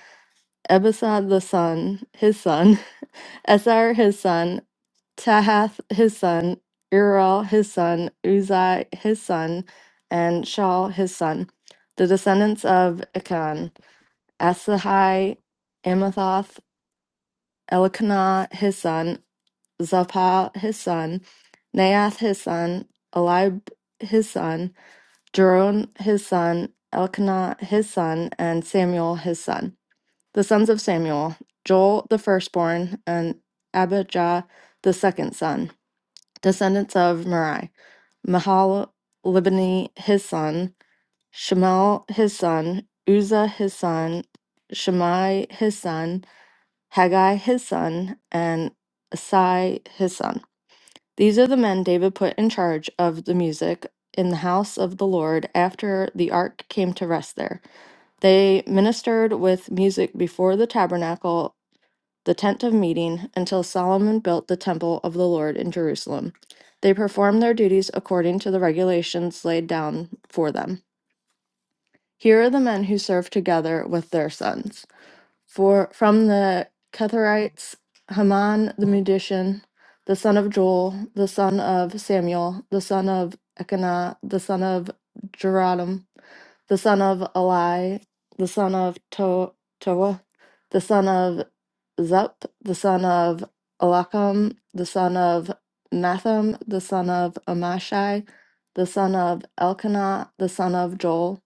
Speaker 9: Ebasad, the son, his son, <laughs> Esar, his son, Tahath his son, Uriel his son, Uzai his son, and Shaul his son. The descendants of Achan, Asahai, Amathoth, Elkanah his son, Zaphah his son, Naath his son, Elib his son, Jeroen his son, Elkanah his son, and Samuel his son. The sons of Samuel, Joel the firstborn, and Abijah the second son descendants of Merai, Mahal Libani his son, Shemal his son, Uzzah his son, Shemai his son, Haggai his son, and Asai his son. These are the men David put in charge of the music in the house of the Lord after the ark came to rest there. They ministered with music before the tabernacle the tent of meeting, until Solomon built the temple of the Lord in Jerusalem. They performed their duties according to the regulations laid down for them. Here are the men who served together with their sons. For from the Ketherites, Haman the Medician, the son of Joel, the son of Samuel, the son of Elkanah, the son of Jerodim, the son of Eli, the son of to- Toa, the son of Zup, the son of Elakam, the son of Natham, the son of Amashai, the son of Elkanah, the son of Joel,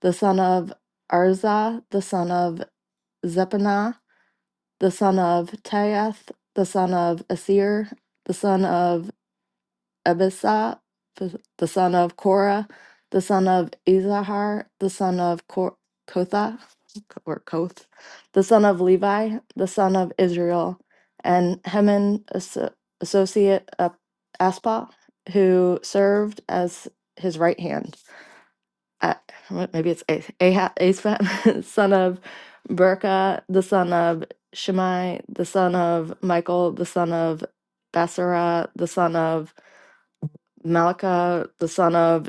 Speaker 9: the son of Arza, the son of Zephanah, the son of Taath, the son of Asir, the son of Abisab, the son of Korah, the son of Izahar, the son of Kor- Kotha, <laughs> or Koth, the son of Levi, the son of Israel, and Heman, asso- associate of Aspa, who served as his right hand. A- what- Maybe it's A- Aha- Asaph, <laughs> son of Berka, the son of Shimei, the son of Michael, the son of Basara, the son of Malika, the son of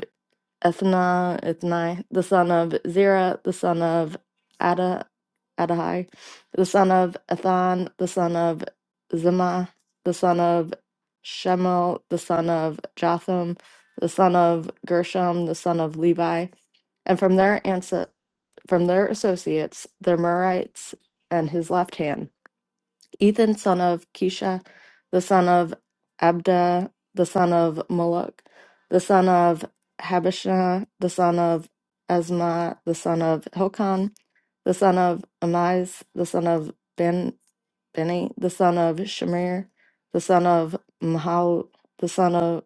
Speaker 9: Ethna, Ethni, the son of Zerah, the son of Ada, Adahai, the son of Ethan, the son of Zimah, the son of Shemel, the son of Jotham, the son of Gershom, the son of Levi, and from their ansa- from their associates, the Merites, and his left hand. Ethan, son of Kisha, the son of Abda, the son of Moloch, the son of Habishah, the son of Asma, the son of Hilkon, the son of Amiz, the son of Ben Benny, the son of Shemir, the son of Mahal, the son of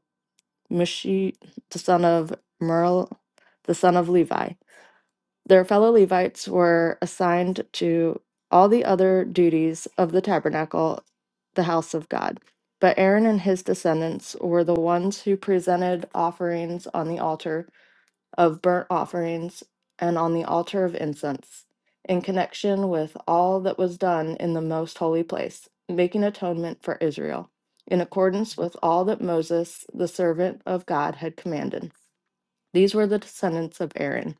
Speaker 9: Mushi, the son of Merl, the son of Levi their fellow Levites were assigned to all the other duties of the tabernacle, the house of God. But Aaron and his descendants were the ones who presented offerings on the altar of burnt offerings and on the altar of incense, in connection with all that was done in the most holy place, making atonement for Israel, in accordance with all that Moses, the servant of God, had commanded. These were the descendants of Aaron.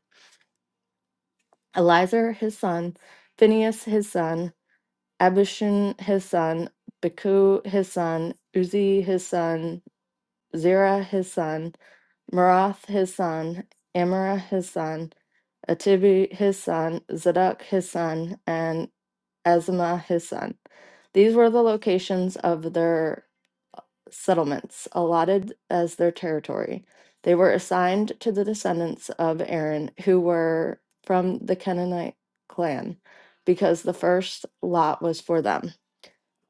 Speaker 9: Elizur his son, Phinehas his son, Abishun his son, Baku his son, Uzi his son, Zerah his son, Merath his son, Amara his son, Atibi his son, Zadok his son, and Azimah his son. These were the locations of their settlements allotted as their territory. They were assigned to the descendants of Aaron, who were from the Canaanite clan, because the first lot was for them.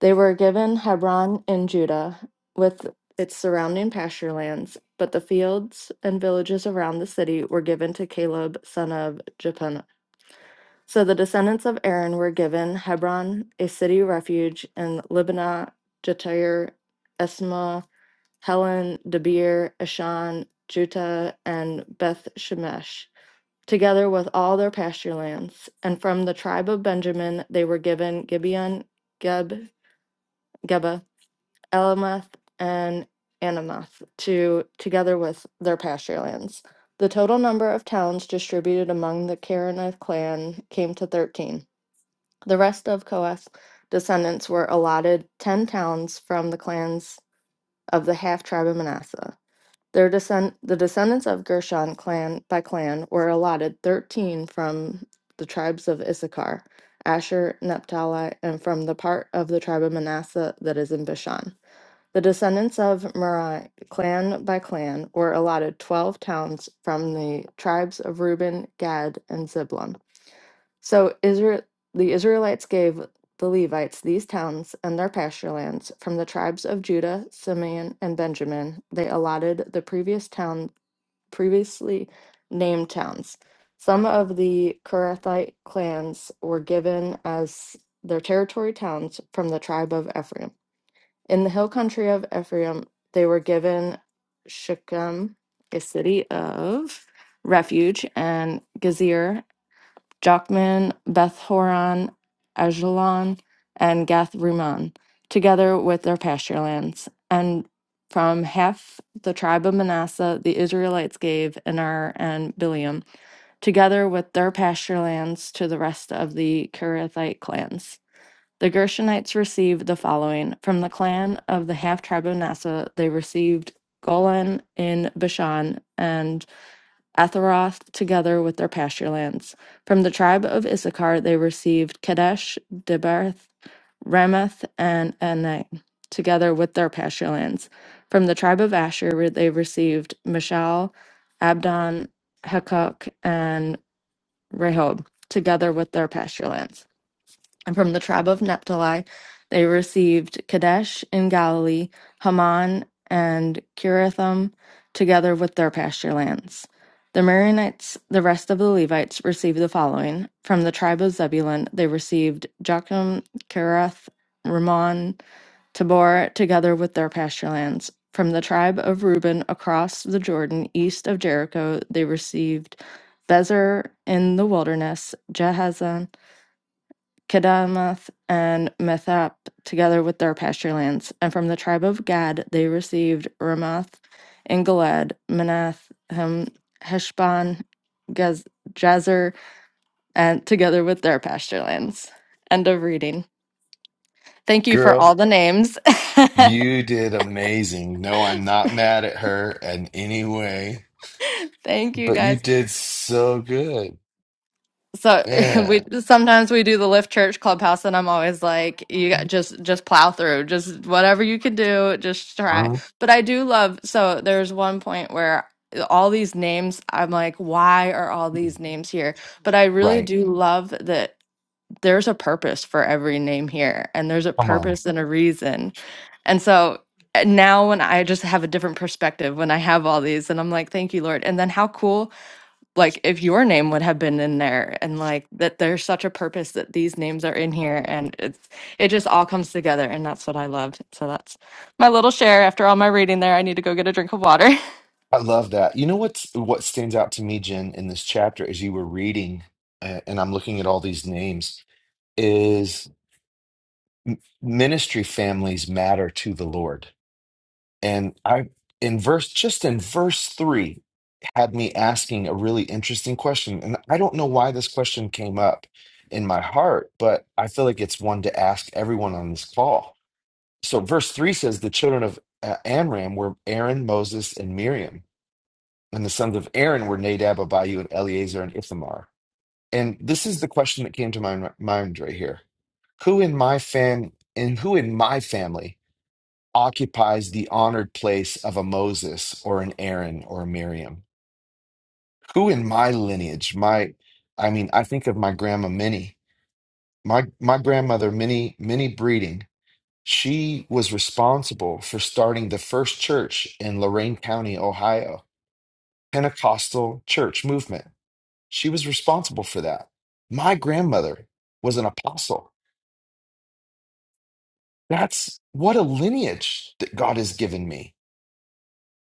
Speaker 9: They were given Hebron in Judah with its surrounding pasture lands, but the fields and villages around the city were given to Caleb, son of Jephunneh. So the descendants of Aaron were given Hebron, a city refuge, and Libnah, Jatir, Esma, Helen, Debir, Ashan, Juta, and Beth Shemesh, together with all their pasture lands. And from the tribe of Benjamin they were given Gibeon, Geb, Geba, Elameth, and Anamoth, to together with their pasture lands. The total number of towns distributed among the Karanath clan came to thirteen. The rest of Koath's descendants were allotted ten towns from the clans of the half tribe of Manasseh. Their descend the descendants of Gershon clan by clan were allotted thirteen from the tribes of Issachar, Asher, Naphtali, and from the part of the tribe of Manasseh that is in Bashan. The descendants of Merari clan by clan were allotted twelve towns from the tribes of Reuben, Gad, and Zebulun. So Israel, the Israelites gave the Levites these towns and their pasture lands from the tribes of Judah, Simeon, and Benjamin. They allotted the previous town, previously named towns. Some of the Korathite clans were given as their territory towns from the tribe of Ephraim. In the hill country of Ephraim, they were given Shechem, a city of refuge, and Gezer, Jokman, Bethhoron, Ajalon, and Gath Rimon, together with their pasture lands. And from half the tribe of Manasseh, the Israelites gave Anar and Biliam, together with their pasture lands, to the rest of the Kirathite clans. The Gershonites received the following from the clan of the half tribe of Manasseh. They received Golan in Bashan and. Atharoth together with their pasture lands. From the tribe of Issachar they received Kadesh, Debirth, Ramath, and Anaim, together with their pasture lands. From the tribe of Asher they received Mishal, Abdon, Hekok, and Rehob, together with their pasture lands and from the tribe of Naphtali, they received Kadesh in Galilee, Haman, and Kirathim, together with their pasture lands. The Maronites, the rest of the Levites, received the following. From the tribe of Zebulun, they received Jochim, Kirath, Ramon, Tabor, together with their pasture lands. From the tribe of Reuben, across the Jordan, east of Jericho, they received Bezer in the wilderness, Jahaziel, Kedamoth and Methap together with their pasture lands, and from the tribe of Gad they received Ramoth and Galad, Menachem, Heshbon, Gez- Jazer, and together with their pasture lands. End of reading. Thank you for
Speaker 1: Girl.
Speaker 9: all the names. <laughs>
Speaker 1: You did amazing. No, I'm not mad at her in any way,
Speaker 9: Thank you
Speaker 1: but you
Speaker 9: guys.
Speaker 1: did so good.
Speaker 9: So <laughs>
Speaker 1: Yeah.
Speaker 9: we sometimes we do the Lift Church Clubhouse, and I'm always like, you got just just plow through, just whatever you can do, just try.
Speaker 1: Mhm.
Speaker 9: But I do love. So there's one point where all these names, I'm like, why are all these names here? But I really
Speaker 1: Right.
Speaker 9: do love that there's a purpose for every name here, and there's a
Speaker 1: Come on.
Speaker 9: purpose and a reason. And so uh, now when I just have a different perspective when I have all these, and I'm like, thank you, Lord. And then how cool like if your name would have been in there and like that there's such a purpose that these names are in here and it's it just all comes together and that's what I loved. So that's my little share after all my reading there. I need to go get a drink of water.
Speaker 1: I love that. You know what's what stands out to me, Jen, in this chapter as you were reading, uh, and I'm looking at all these names, is m- ministry families matter to the Lord. And I, in verse, just
Speaker 9: <laughs>
Speaker 1: in verse three, had me asking a really interesting question. And I don't know why this question came up in my heart, but I feel like it's one to ask everyone on this call. So, verse three says the children of uh, Amram were Aaron, Moses, and Miriam. And the sons of Aaron were Nadab, Abihu, and Eleazar, and Ithamar. And this is the question that came to my mind right here. Who in my fam and who in my family occupies the honored place of a Moses or an Aaron or a Miriam? Who in my lineage, my I mean, I think of my grandma Minnie. My my grandmother Minnie Minnie Breeding, she was responsible for starting the first church in Lorain County, Ohio, Pentecostal church movement. She was responsible for that. My grandmother was an apostle. That's what a lineage that God has given me.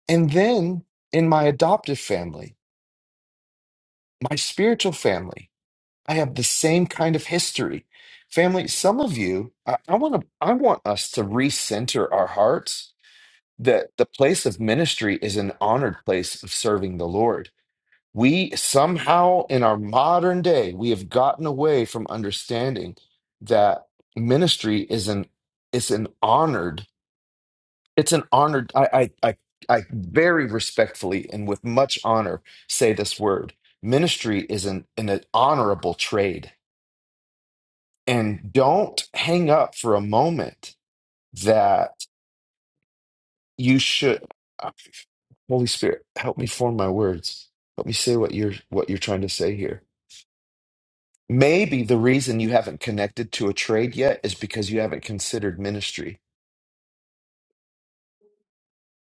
Speaker 1: And then in my adoptive family. my spiritual family i have the same kind of history family some of you i, I want to i want us to recenter our hearts that the place of ministry is an honored place of serving the lord we somehow in our modern day we have gotten away from understanding that ministry is an it's an honored it's an honor. I, I, I, I very respectfully and with much honor say this word. Ministry is an, an honorable trade. And don't hang up for a moment that you should. uh, Holy Spirit, help me form my words. Help me say what you're what you're trying to say here. Maybe the reason you haven't connected to a trade yet is because you haven't considered ministry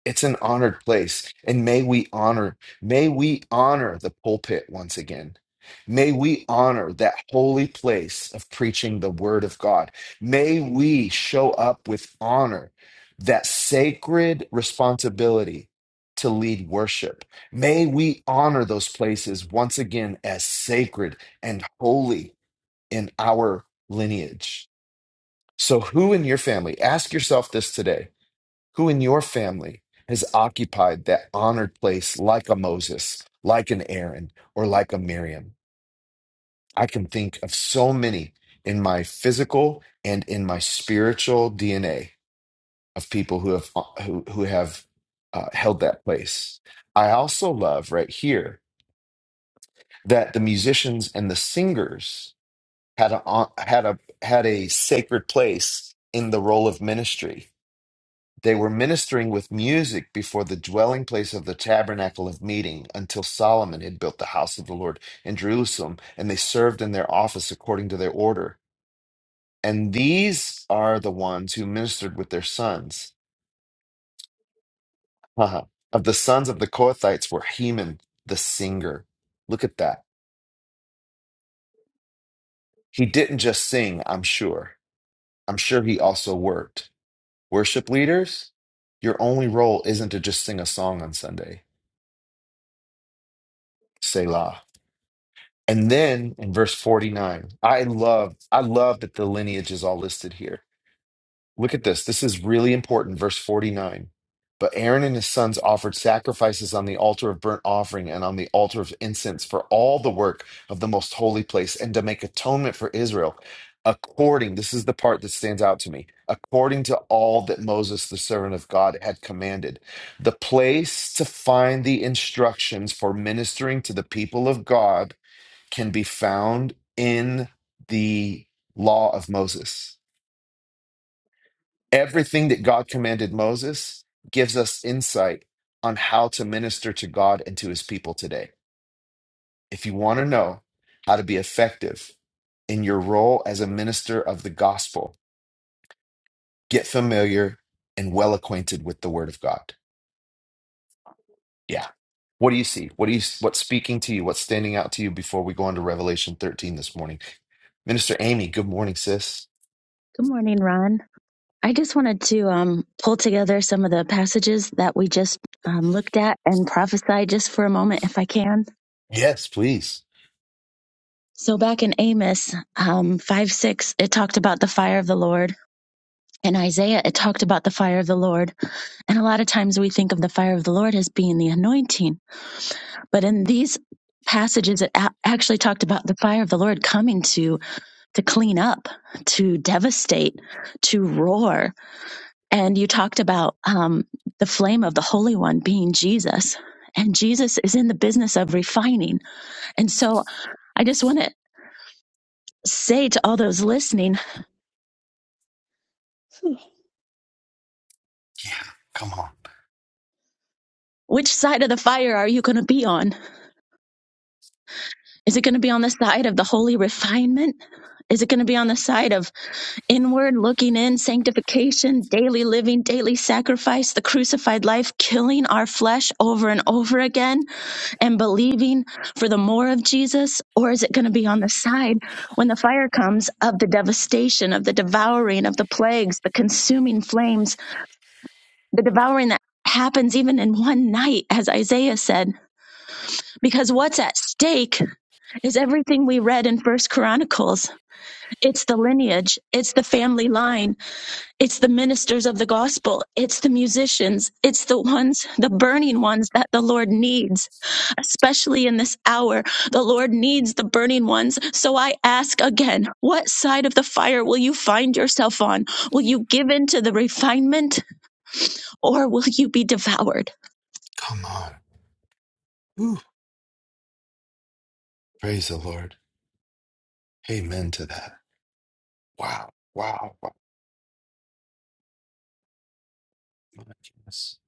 Speaker 1: It's an honored place. And may we honor, may we honor the pulpit once again. May we honor that holy place of preaching the word of God. May we show up with honor, that sacred responsibility to lead worship. May we honor those places once again as sacred and holy in our lineage. So, who in your family, ask yourself this today who in your family has occupied that honored place like a Moses, like an Aaron, or like a Miriam? I can think of so many in my physical and in my spiritual DNA of people who have uh, who, who have uh, held that place. I also love right here that the musicians and the singers had a uh, had a had a sacred place in the role of ministry They were ministering with music before the dwelling place of the tabernacle of meeting until Solomon had built the house of the Lord in Jerusalem, and they served in their office according to their order. And these are the ones who ministered with their sons. Haha. Of the sons of the Kohathites were Heman, the singer. Look at that. He didn't just sing, I'm sure. I'm sure he also worked. Worship leaders, your only role isn't to just sing a song on Sunday. Selah. And then in verse 49, I love, I love that the lineage is all listed here. Look at this. This is really important. Verse 49. But Aaron and his sons offered sacrifices on the altar of burnt offering and on the altar of incense for all the work of the most holy place and to make atonement for Israel. According, this is the part that stands out to me, according to all that Moses, the servant of God, had commanded. The place to find the instructions for ministering to the people of God can be found in the law of Moses. Everything that God commanded Moses gives us insight on how to minister to God and to his people today. If you want to know how to be effective in your role as a minister of the gospel, get familiar and well acquainted with the word of God. Yeah. What do you see? What do you what's speaking to you? What's standing out to you before we go into Revelation 13 this morning? Minister Amy, good morning, sis.
Speaker 10: Good morning, Ron. I just wanted to um, pull together some of the passages that we just um, looked at and prophesy just for a moment, if I can.
Speaker 1: Yes, please.
Speaker 10: So, back in Amos um, 5 6, it talked about the fire of the Lord. In Isaiah, it talked about the fire of the Lord. And a lot of times we think of the fire of the Lord as being the anointing. But in these passages, it a- actually talked about the fire of the Lord coming to, to clean up, to devastate, to roar. And you talked about um, the flame of the Holy One being Jesus. And Jesus is in the business of refining. And so I just want to say to all those listening,
Speaker 1: Yeah, come on.
Speaker 10: which side of the fire are you going to be on? Is it going to be on the side of the holy refinement? Is it going to be on the side of inward looking in, sanctification, daily living, daily sacrifice, the crucified life, killing our flesh over and over again? and believing for the more of Jesus? Or is it going to be on the side when the fire comes of the devastation, of the devouring, of the plagues, the consuming flames, the devouring that happens even in one night, as Isaiah said? Because what's at stake is everything we read in First Chronicles. It's the lineage, it's the family line It's the ministers of the gospel. It's the musicians. It's the ones, the burning ones that the Lord needs, especially in this hour. The Lord needs the burning ones. So I ask again, what side of the fire will you find yourself on? Will you give in to the refinement or will you be devoured?
Speaker 1: Come on. Whew. Praise the Lord. Amen to that. Wow. Wow. wow. My goodness.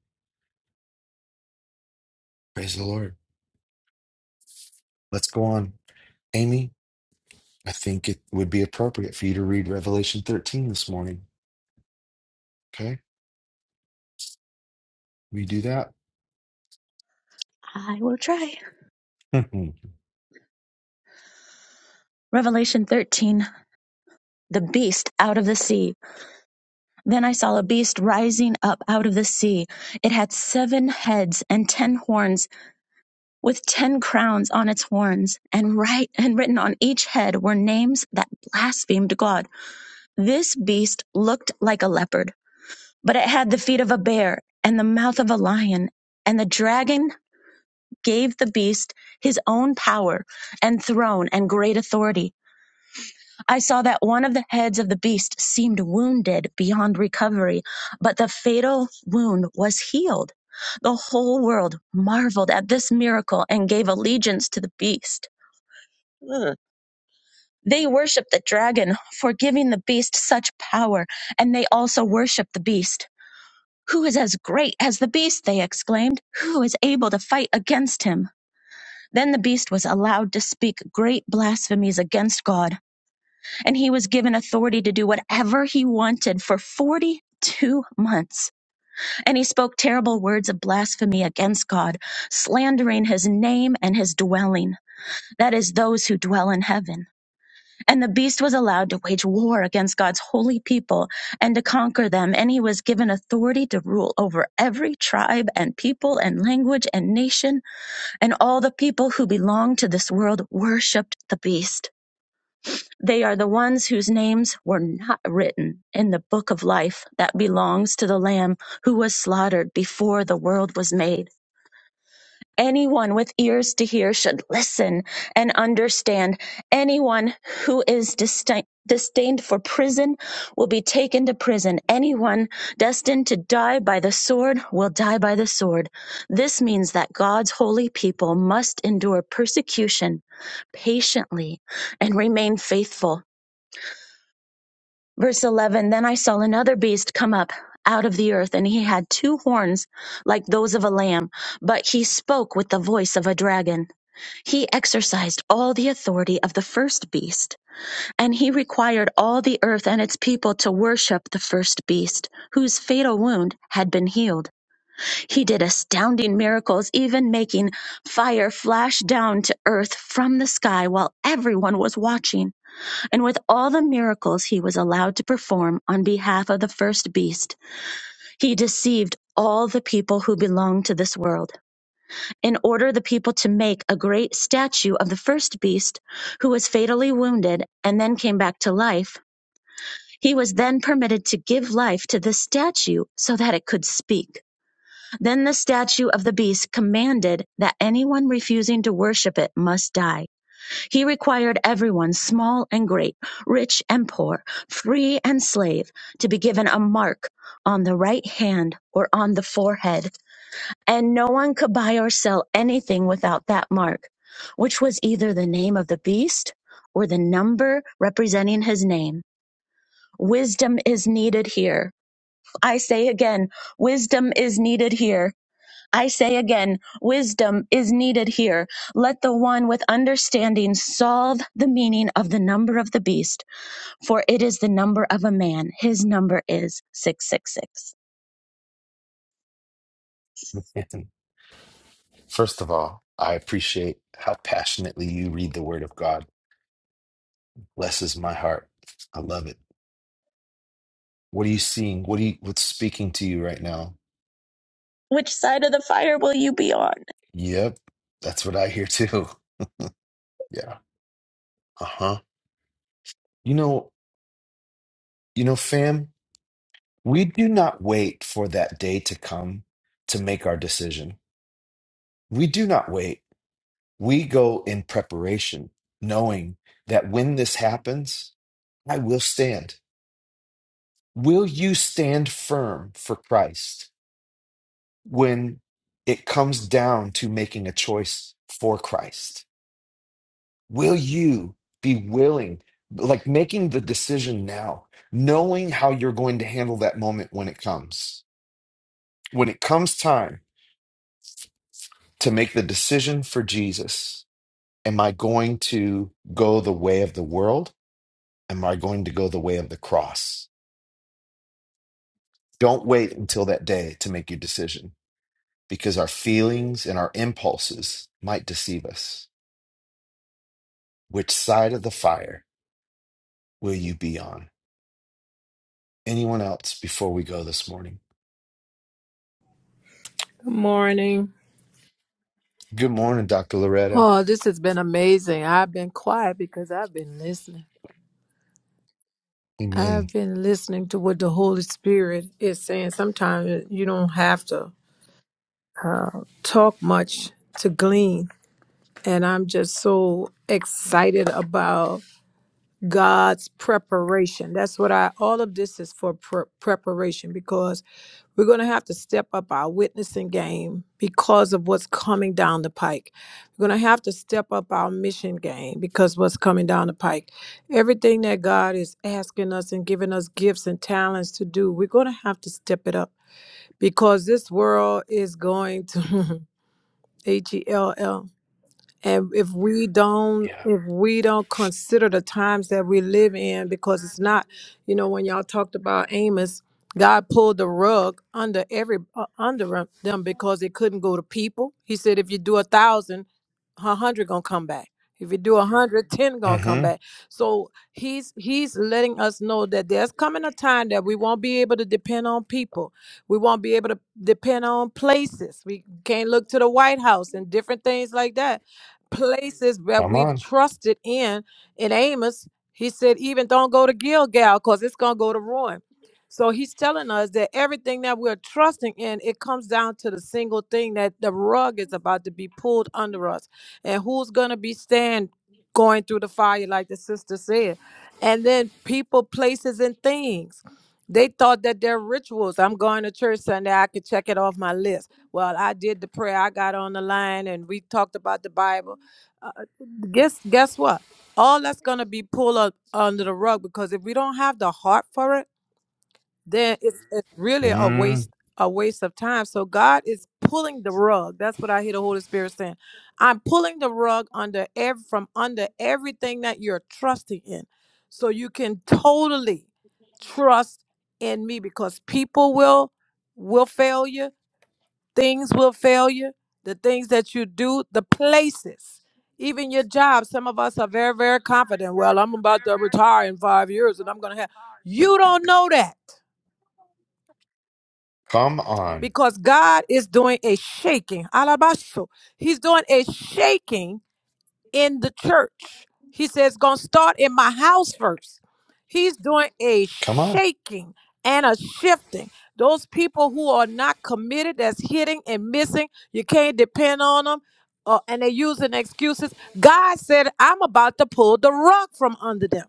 Speaker 1: Praise the Lord. Let's go on. Amy, I think it would be appropriate for you to read Revelation 13 this morning. Okay? We do that.
Speaker 10: I will try.
Speaker 1: <laughs>
Speaker 10: Revelation 13, the beast out of the sea. Then I saw a beast rising up out of the sea. It had seven heads and ten horns with ten crowns on its horns, and right and written on each head were names that blasphemed God. This beast looked like a leopard, but it had the feet of a bear and the mouth of a lion. And the dragon gave the beast his own power and throne and great authority. I saw that one of the heads of the beast seemed wounded beyond recovery, but the fatal wound was healed. The whole world marveled at this miracle and gave allegiance to the beast. Ugh. They worship the dragon for giving the beast such power, and they also worship the beast. Who is as great as the beast? They exclaimed. Who is able to fight against him? Then the beast was allowed to speak great blasphemies against God, and he was given authority to do whatever he wanted for 42 months. And he spoke terrible words of blasphemy against God, slandering his name and his dwelling, that is, those who dwell in heaven. And the beast was allowed to wage war against God's holy people and to conquer them. And he was given authority to rule over every tribe and people and language and nation. And all the people who belonged to this world worshiped the beast. They are the ones whose names were not written in the book of life that belongs to the Lamb who was slaughtered before the world was made. Anyone with ears to hear should listen and understand. Anyone who is disdain- disdained for prison will be taken to prison. Anyone destined to die by the sword will die by the sword. This means that God's holy people must endure persecution patiently and remain faithful. Verse 11 Then I saw another beast come up out of the earth, and he had two horns like those of a lamb, but he spoke with the voice of a dragon. He exercised all the authority of the first beast, and he required all the earth and its people to worship the first beast, whose fatal wound had been healed. He did astounding miracles, even making fire flash down to earth from the sky while everyone was watching. And with all the miracles he was allowed to perform on behalf of the first beast, he deceived all the people who belonged to this world. In order the people to make a great statue of the first beast who was fatally wounded and then came back to life. He was then permitted to give life to the statue so that it could speak. Then the statue of the beast commanded that anyone refusing to worship it must die. He required everyone, small and great, rich and poor, free and slave, to be given a mark on the right hand or on the forehead and no one could buy or sell anything without that mark, which was either the name of the beast or the number representing his name. Wisdom is needed here. I say again, wisdom is needed here. I say again, wisdom is needed here. Let the one with understanding solve the meaning of the number of the beast, for it is the number of a man. His number is 666.
Speaker 1: First of all, I appreciate how passionately you read the word of God. Blesses my heart. I love it. What are you seeing? What are you what's speaking to you right now?
Speaker 10: Which side of the fire will you be on?
Speaker 1: Yep. That's what I hear too. <laughs> Yeah. Uh-huh. You know, You know, fam, we do not wait for that day to come to make our decision. We do not wait. We go in preparation, knowing that when this happens, I will stand. Will you stand firm for Christ when it comes down to making a choice for Christ? Will you be willing, like making the decision now, knowing how you're going to handle that moment when it comes? When it comes time, to make the decision for Jesus. Am I going to go the way of the world? Am I going to go the way of the cross? Don't wait until that day to make your decision because our feelings and our impulses might deceive us. Which side of the fire will you be on? Anyone else before we go this morning?
Speaker 11: Good morning.
Speaker 1: Good morning, Dr. Loretta.
Speaker 11: Oh, this has been amazing. I've been quiet because I've been listening.
Speaker 1: Amen.
Speaker 11: I've been listening to what the Holy Spirit is saying. Sometimes you don't have to uh, talk much to glean. And I'm just so excited about God's preparation. That's what I, all of this is for pre- preparation because We're going to have to step up our witnessing game because of what's coming down the pike. We're going to have to step up our mission game because what's coming down the pike. Everything that God is asking us and giving us gifts and talents to do, we're going to have to step it up because this world is going to <laughs> H E L L and if we don't
Speaker 1: Yeah.
Speaker 11: if we don't consider the times that we live in because it's not you know when y'all talked about amos god pulled the rug under every uh, under 'em- them because they couldn't go to people he said if you do a thousand a hundred gonna come back if you do a hundred ten gonna come
Speaker 1: Mm-hmm.
Speaker 11: back so he's he's letting us know that there's coming a time that we won't be able to depend on people we won't be able to depend on places we can't look to the white house and different things like that places that
Speaker 1: Come
Speaker 11: we've
Speaker 1: on.
Speaker 11: trusted in in Amos, he said, even don't go to Gilgal because it's going to go to ruin. So he's telling us that everything that we're trusting in, it comes down to the single thing that the rug is about to be pulled under us. And who's going to be stand going through the fire, like the sister said. And then people, places, and things. They thought that their rituals, I'm going to church Sunday, I could check it off my list. Well, I did the prayer, I got on the line, and we talked about the Bible uh, guess guess what? All that's gonna be pulled up under the rug because if we don't have the heart for it, then it's it's really a
Speaker 1: Mm,
Speaker 11: waste a waste of time. So God is pulling the rug. That's what I hear the Holy Spirit saying. I'm pulling the rug under every from under everything that you're trusting in, so you can totally trust in me because people will will fail you things will fail you the things that you do the places even your job some of us are very very confident well i'm about to retire in five years and i'm gonna have you don't know that
Speaker 1: come on.
Speaker 11: because god is doing a shaking alabaso he's doing a shaking in the church. He says, going to start in my house first. He's doing a
Speaker 1: Come on.
Speaker 11: shaking and a shifting. Those people who are not committed, that's hitting and missing, you can't depend on them, uh, and they're using excuses. God said, I'm about to pull the rug from under them.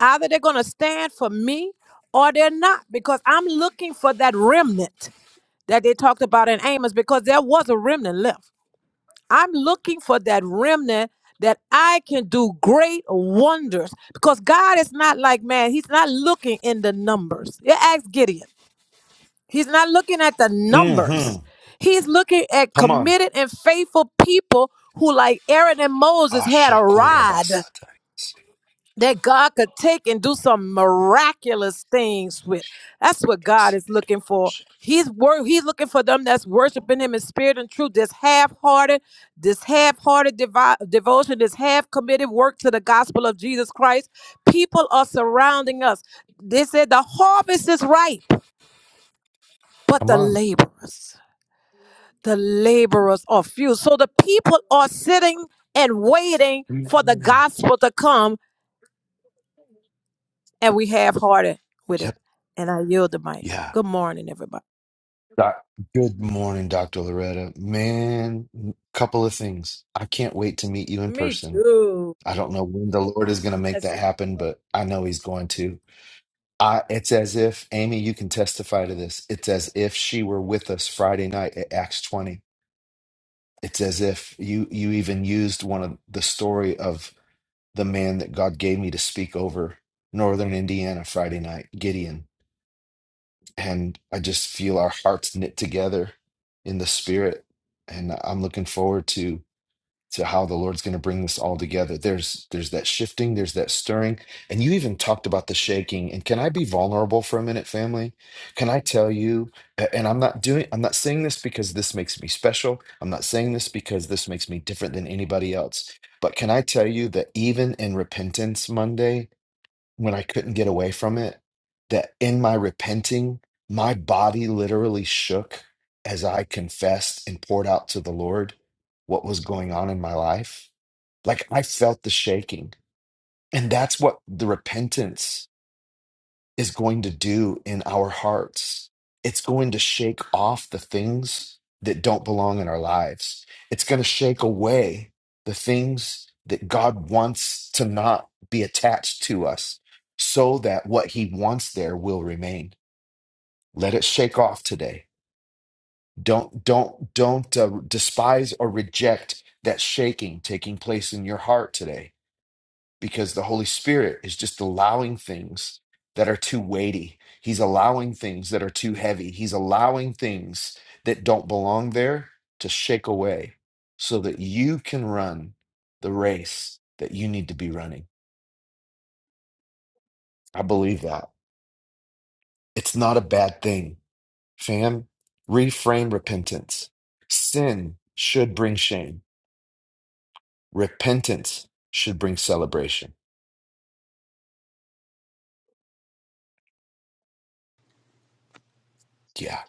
Speaker 11: Either they're going to stand for me or they're not, because I'm looking for that remnant that they talked about in Amos, because there was a remnant left. I'm looking for that remnant that I can do great wonders because God is not like man. He's not looking in the numbers. You ask Gideon. He's not looking at the numbers.
Speaker 1: Mm-hmm.
Speaker 11: He's looking at
Speaker 1: Come on.
Speaker 11: committed and faithful people who, like Aaron and Moses, had a rod
Speaker 1: Ashakorabasata.
Speaker 11: that God could take and do some miraculous things with. That's what God is looking for. He's wor- he's looking for them that's worshiping him in spirit and truth, this half-hearted, this half-hearted devi- devotion, this half-committed work to the gospel of Jesus Christ. People are surrounding us. They said the harvest is ripe, but
Speaker 1: Come
Speaker 11: the
Speaker 1: on.
Speaker 11: laborers, the laborers are few. So the people are sitting and waiting for the
Speaker 1: Mm.
Speaker 11: gospel to come and we half-hearted with it.
Speaker 1: Yep.
Speaker 11: And I yield the mic.
Speaker 1: Yeah.
Speaker 11: Good morning, everybody.
Speaker 1: Doc- Good morning, Dr. Loretta. Man, couple of things. I can't wait to meet you in person. I don't know when the Lord is going to make that happen, but I know he's going to. I, it's as if, Amy, you can testify to this. It's as if she were with us Friday night at Acts 20. It's as if you you even used one of the story of the man that God gave me to speak over Northern Indiana Friday night, Gideon. And I just feel our hearts knit together in the spirit. And I'm looking forward to to how the Lord's going to bring this all together. There's there's that shifting, there's that stirring, and you even talked about the shaking. And can I be vulnerable for a minute, family? Can I tell you? a- And I'm not doing I'm not saying this because this makes me special. I'm not saying this because this makes me different than anybody else. But can I tell you that even in Repentance Monday, when I couldn't get away from it, that in my repenting, my body literally shook as I confessed and poured out to the Lord what was going on in my life. Like I felt the shaking. And that's what the repentance is going to do in our hearts. It's going to shake off the things that don't belong in our lives. It's going to shake away the things that God wants to not be attached to us so that what he wants there will remain. Let it shake off today. Don't don't don't uh, despise or reject that shaking taking place in your heart today because the Holy Spirit is just allowing things that are too weighty. He's allowing things that are too heavy. He's allowing things that don't belong there to shake away so that you can run the race that you need to be running. I believe that. It's not a bad thing. Fam, reframe repentance. Sin should bring shame, repentance should bring celebration. Yeah.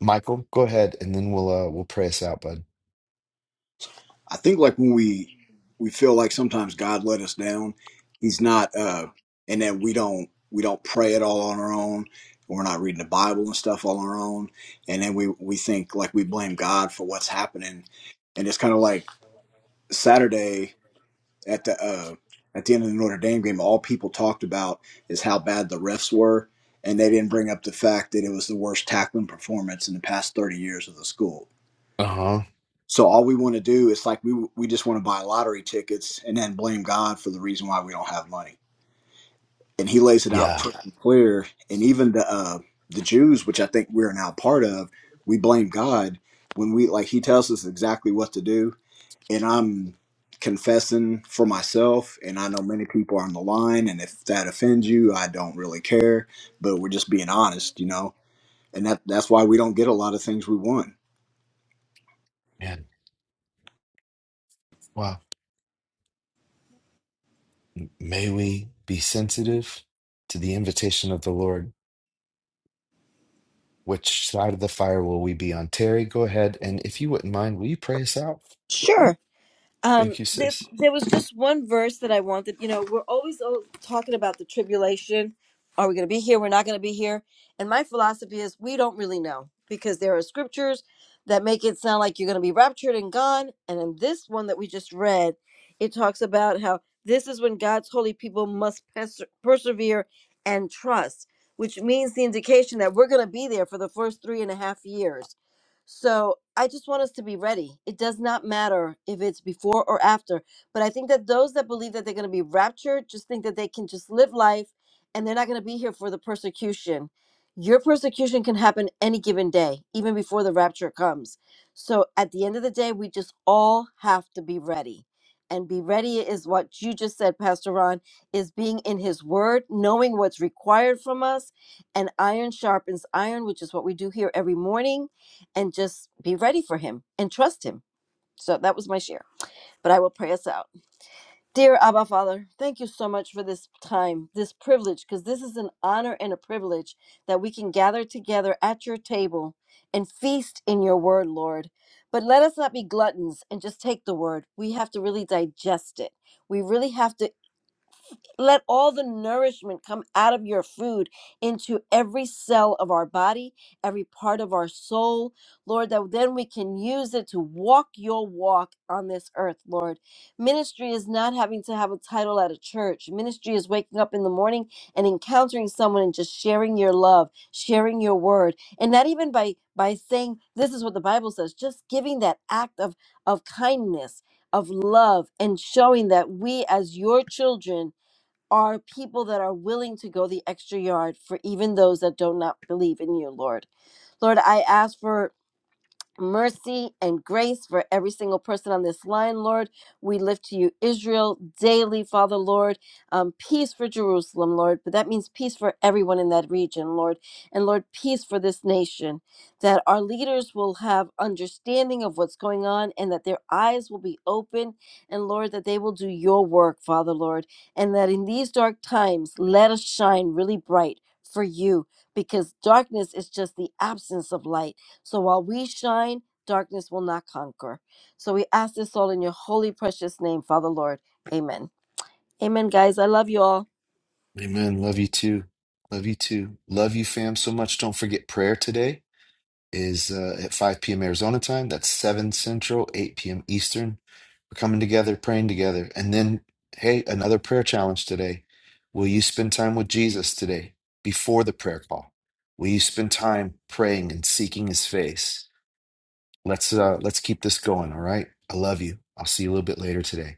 Speaker 1: Michael, go ahead and then we'll uh we'll pray us out, bud.
Speaker 12: I think like when we we feel like sometimes God let us down, He's not, uh, and that we don't we don't pray at all on our own. We're not reading the Bible and stuff all on our own, and then we we think like we blame God for what's happening, and it's kind of like Saturday at the uh, at the end of the Notre Dame game, all people talked about is how bad the refs were, and they didn't bring up the fact that it was the worst tackling performance in the past thirty years of the school
Speaker 1: Uh-huh.
Speaker 12: so all we want to do is like we we just want to buy lottery tickets and then blame God for the reason why we don't have money. And he lays it out
Speaker 1: Yeah.
Speaker 12: quick and clear. And even the uh, the Jews, which I think we're now part of, we blame God when we like he tells us exactly what to do. And I'm confessing for myself, and I know many people are on the line. And if that offends you, I don't really care. But we're just being honest, you know. And that that's why we don't get a lot of things we want
Speaker 1: And wow. May we be sensitive to the invitation of the Lord. Which side of the fire will we be on? Terry, go ahead. And if you wouldn't mind, will you pray us out?
Speaker 5: Sure. Um,
Speaker 1: Thank you,
Speaker 5: there,
Speaker 1: sis.
Speaker 5: there was just one verse that I wanted. You know, we're always all talking about the tribulation. Are we going to be here? We're not going to be here. And my philosophy is we don't really know because there are scriptures that make it sound like you're going to be raptured and gone. And in this one that we just read, it talks about how this is when God's holy people must perse- persevere and trust, which means the indication that we're going to be there for the first three and a half years so I just want us to be ready. It does not matter if it's before or after. But I think that those that believe that they're going to be raptured just think that they can just live life and they're not going to be here for the persecution. Your persecution can happen any given day, even before the rapture comes. So at the end of the day, we just all have to be ready. And be ready is what you just said, Pastor Ron, is being in his word, knowing what's required from us. And iron sharpens iron, which is what we do here every morning and just be ready for him and trust him. So that was my share. But I will pray us out. Dear Abba Father, thank you so much for this time, this privilege, because this is an honor and a privilege that we can gather together at your table and feast in your word, Lord. But let us not be gluttons and just take the word. We have to really digest it. We really have to let all the nourishment come out of your food into every cell of our body, every part of our soul, Lord, that then we can use it to walk your walk on this earth, Lord. Ministry is not having to have a title at a church. Ministry is waking up in the morning and encountering someone and just sharing your love, sharing your word, and not even by by saying this is what the Bible says, just giving that act of of kindness, of love and showing that we as your children are people that are willing to go the extra yard for even those that do not believe in you, Lord. Lord, I ask for mercy and grace for every single person on this line, Lord. We lift to you Israel daily, Father, Lord. Um, peace for Jerusalem, Lord. But that means peace for everyone in that region, Lord. And Lord, peace for this nation. That our leaders will have understanding of what's going on and that their eyes will be open. And Lord, that they will do your work, Father, Lord. And that in these dark times, let us shine really bright for you because darkness is just the absence of light. So while we shine, darkness will not conquer. So we ask this all in your holy, precious name, Father Lord. Amen. Amen, guys. I love you all.
Speaker 1: Amen. Love you too. Love you too. Love you, fam, so much. Don't forget prayer today. is uh, at 5 p.m. Arizona time. That's 7 Central, 8 p.m. Eastern. We're coming together, praying together. And then, hey, another prayer challenge today. Will you spend time with Jesus today before the prayer call? Will you spend time praying and seeking his face? Let's uh let's keep this going, all right? I love you. I'll see you a little bit later today.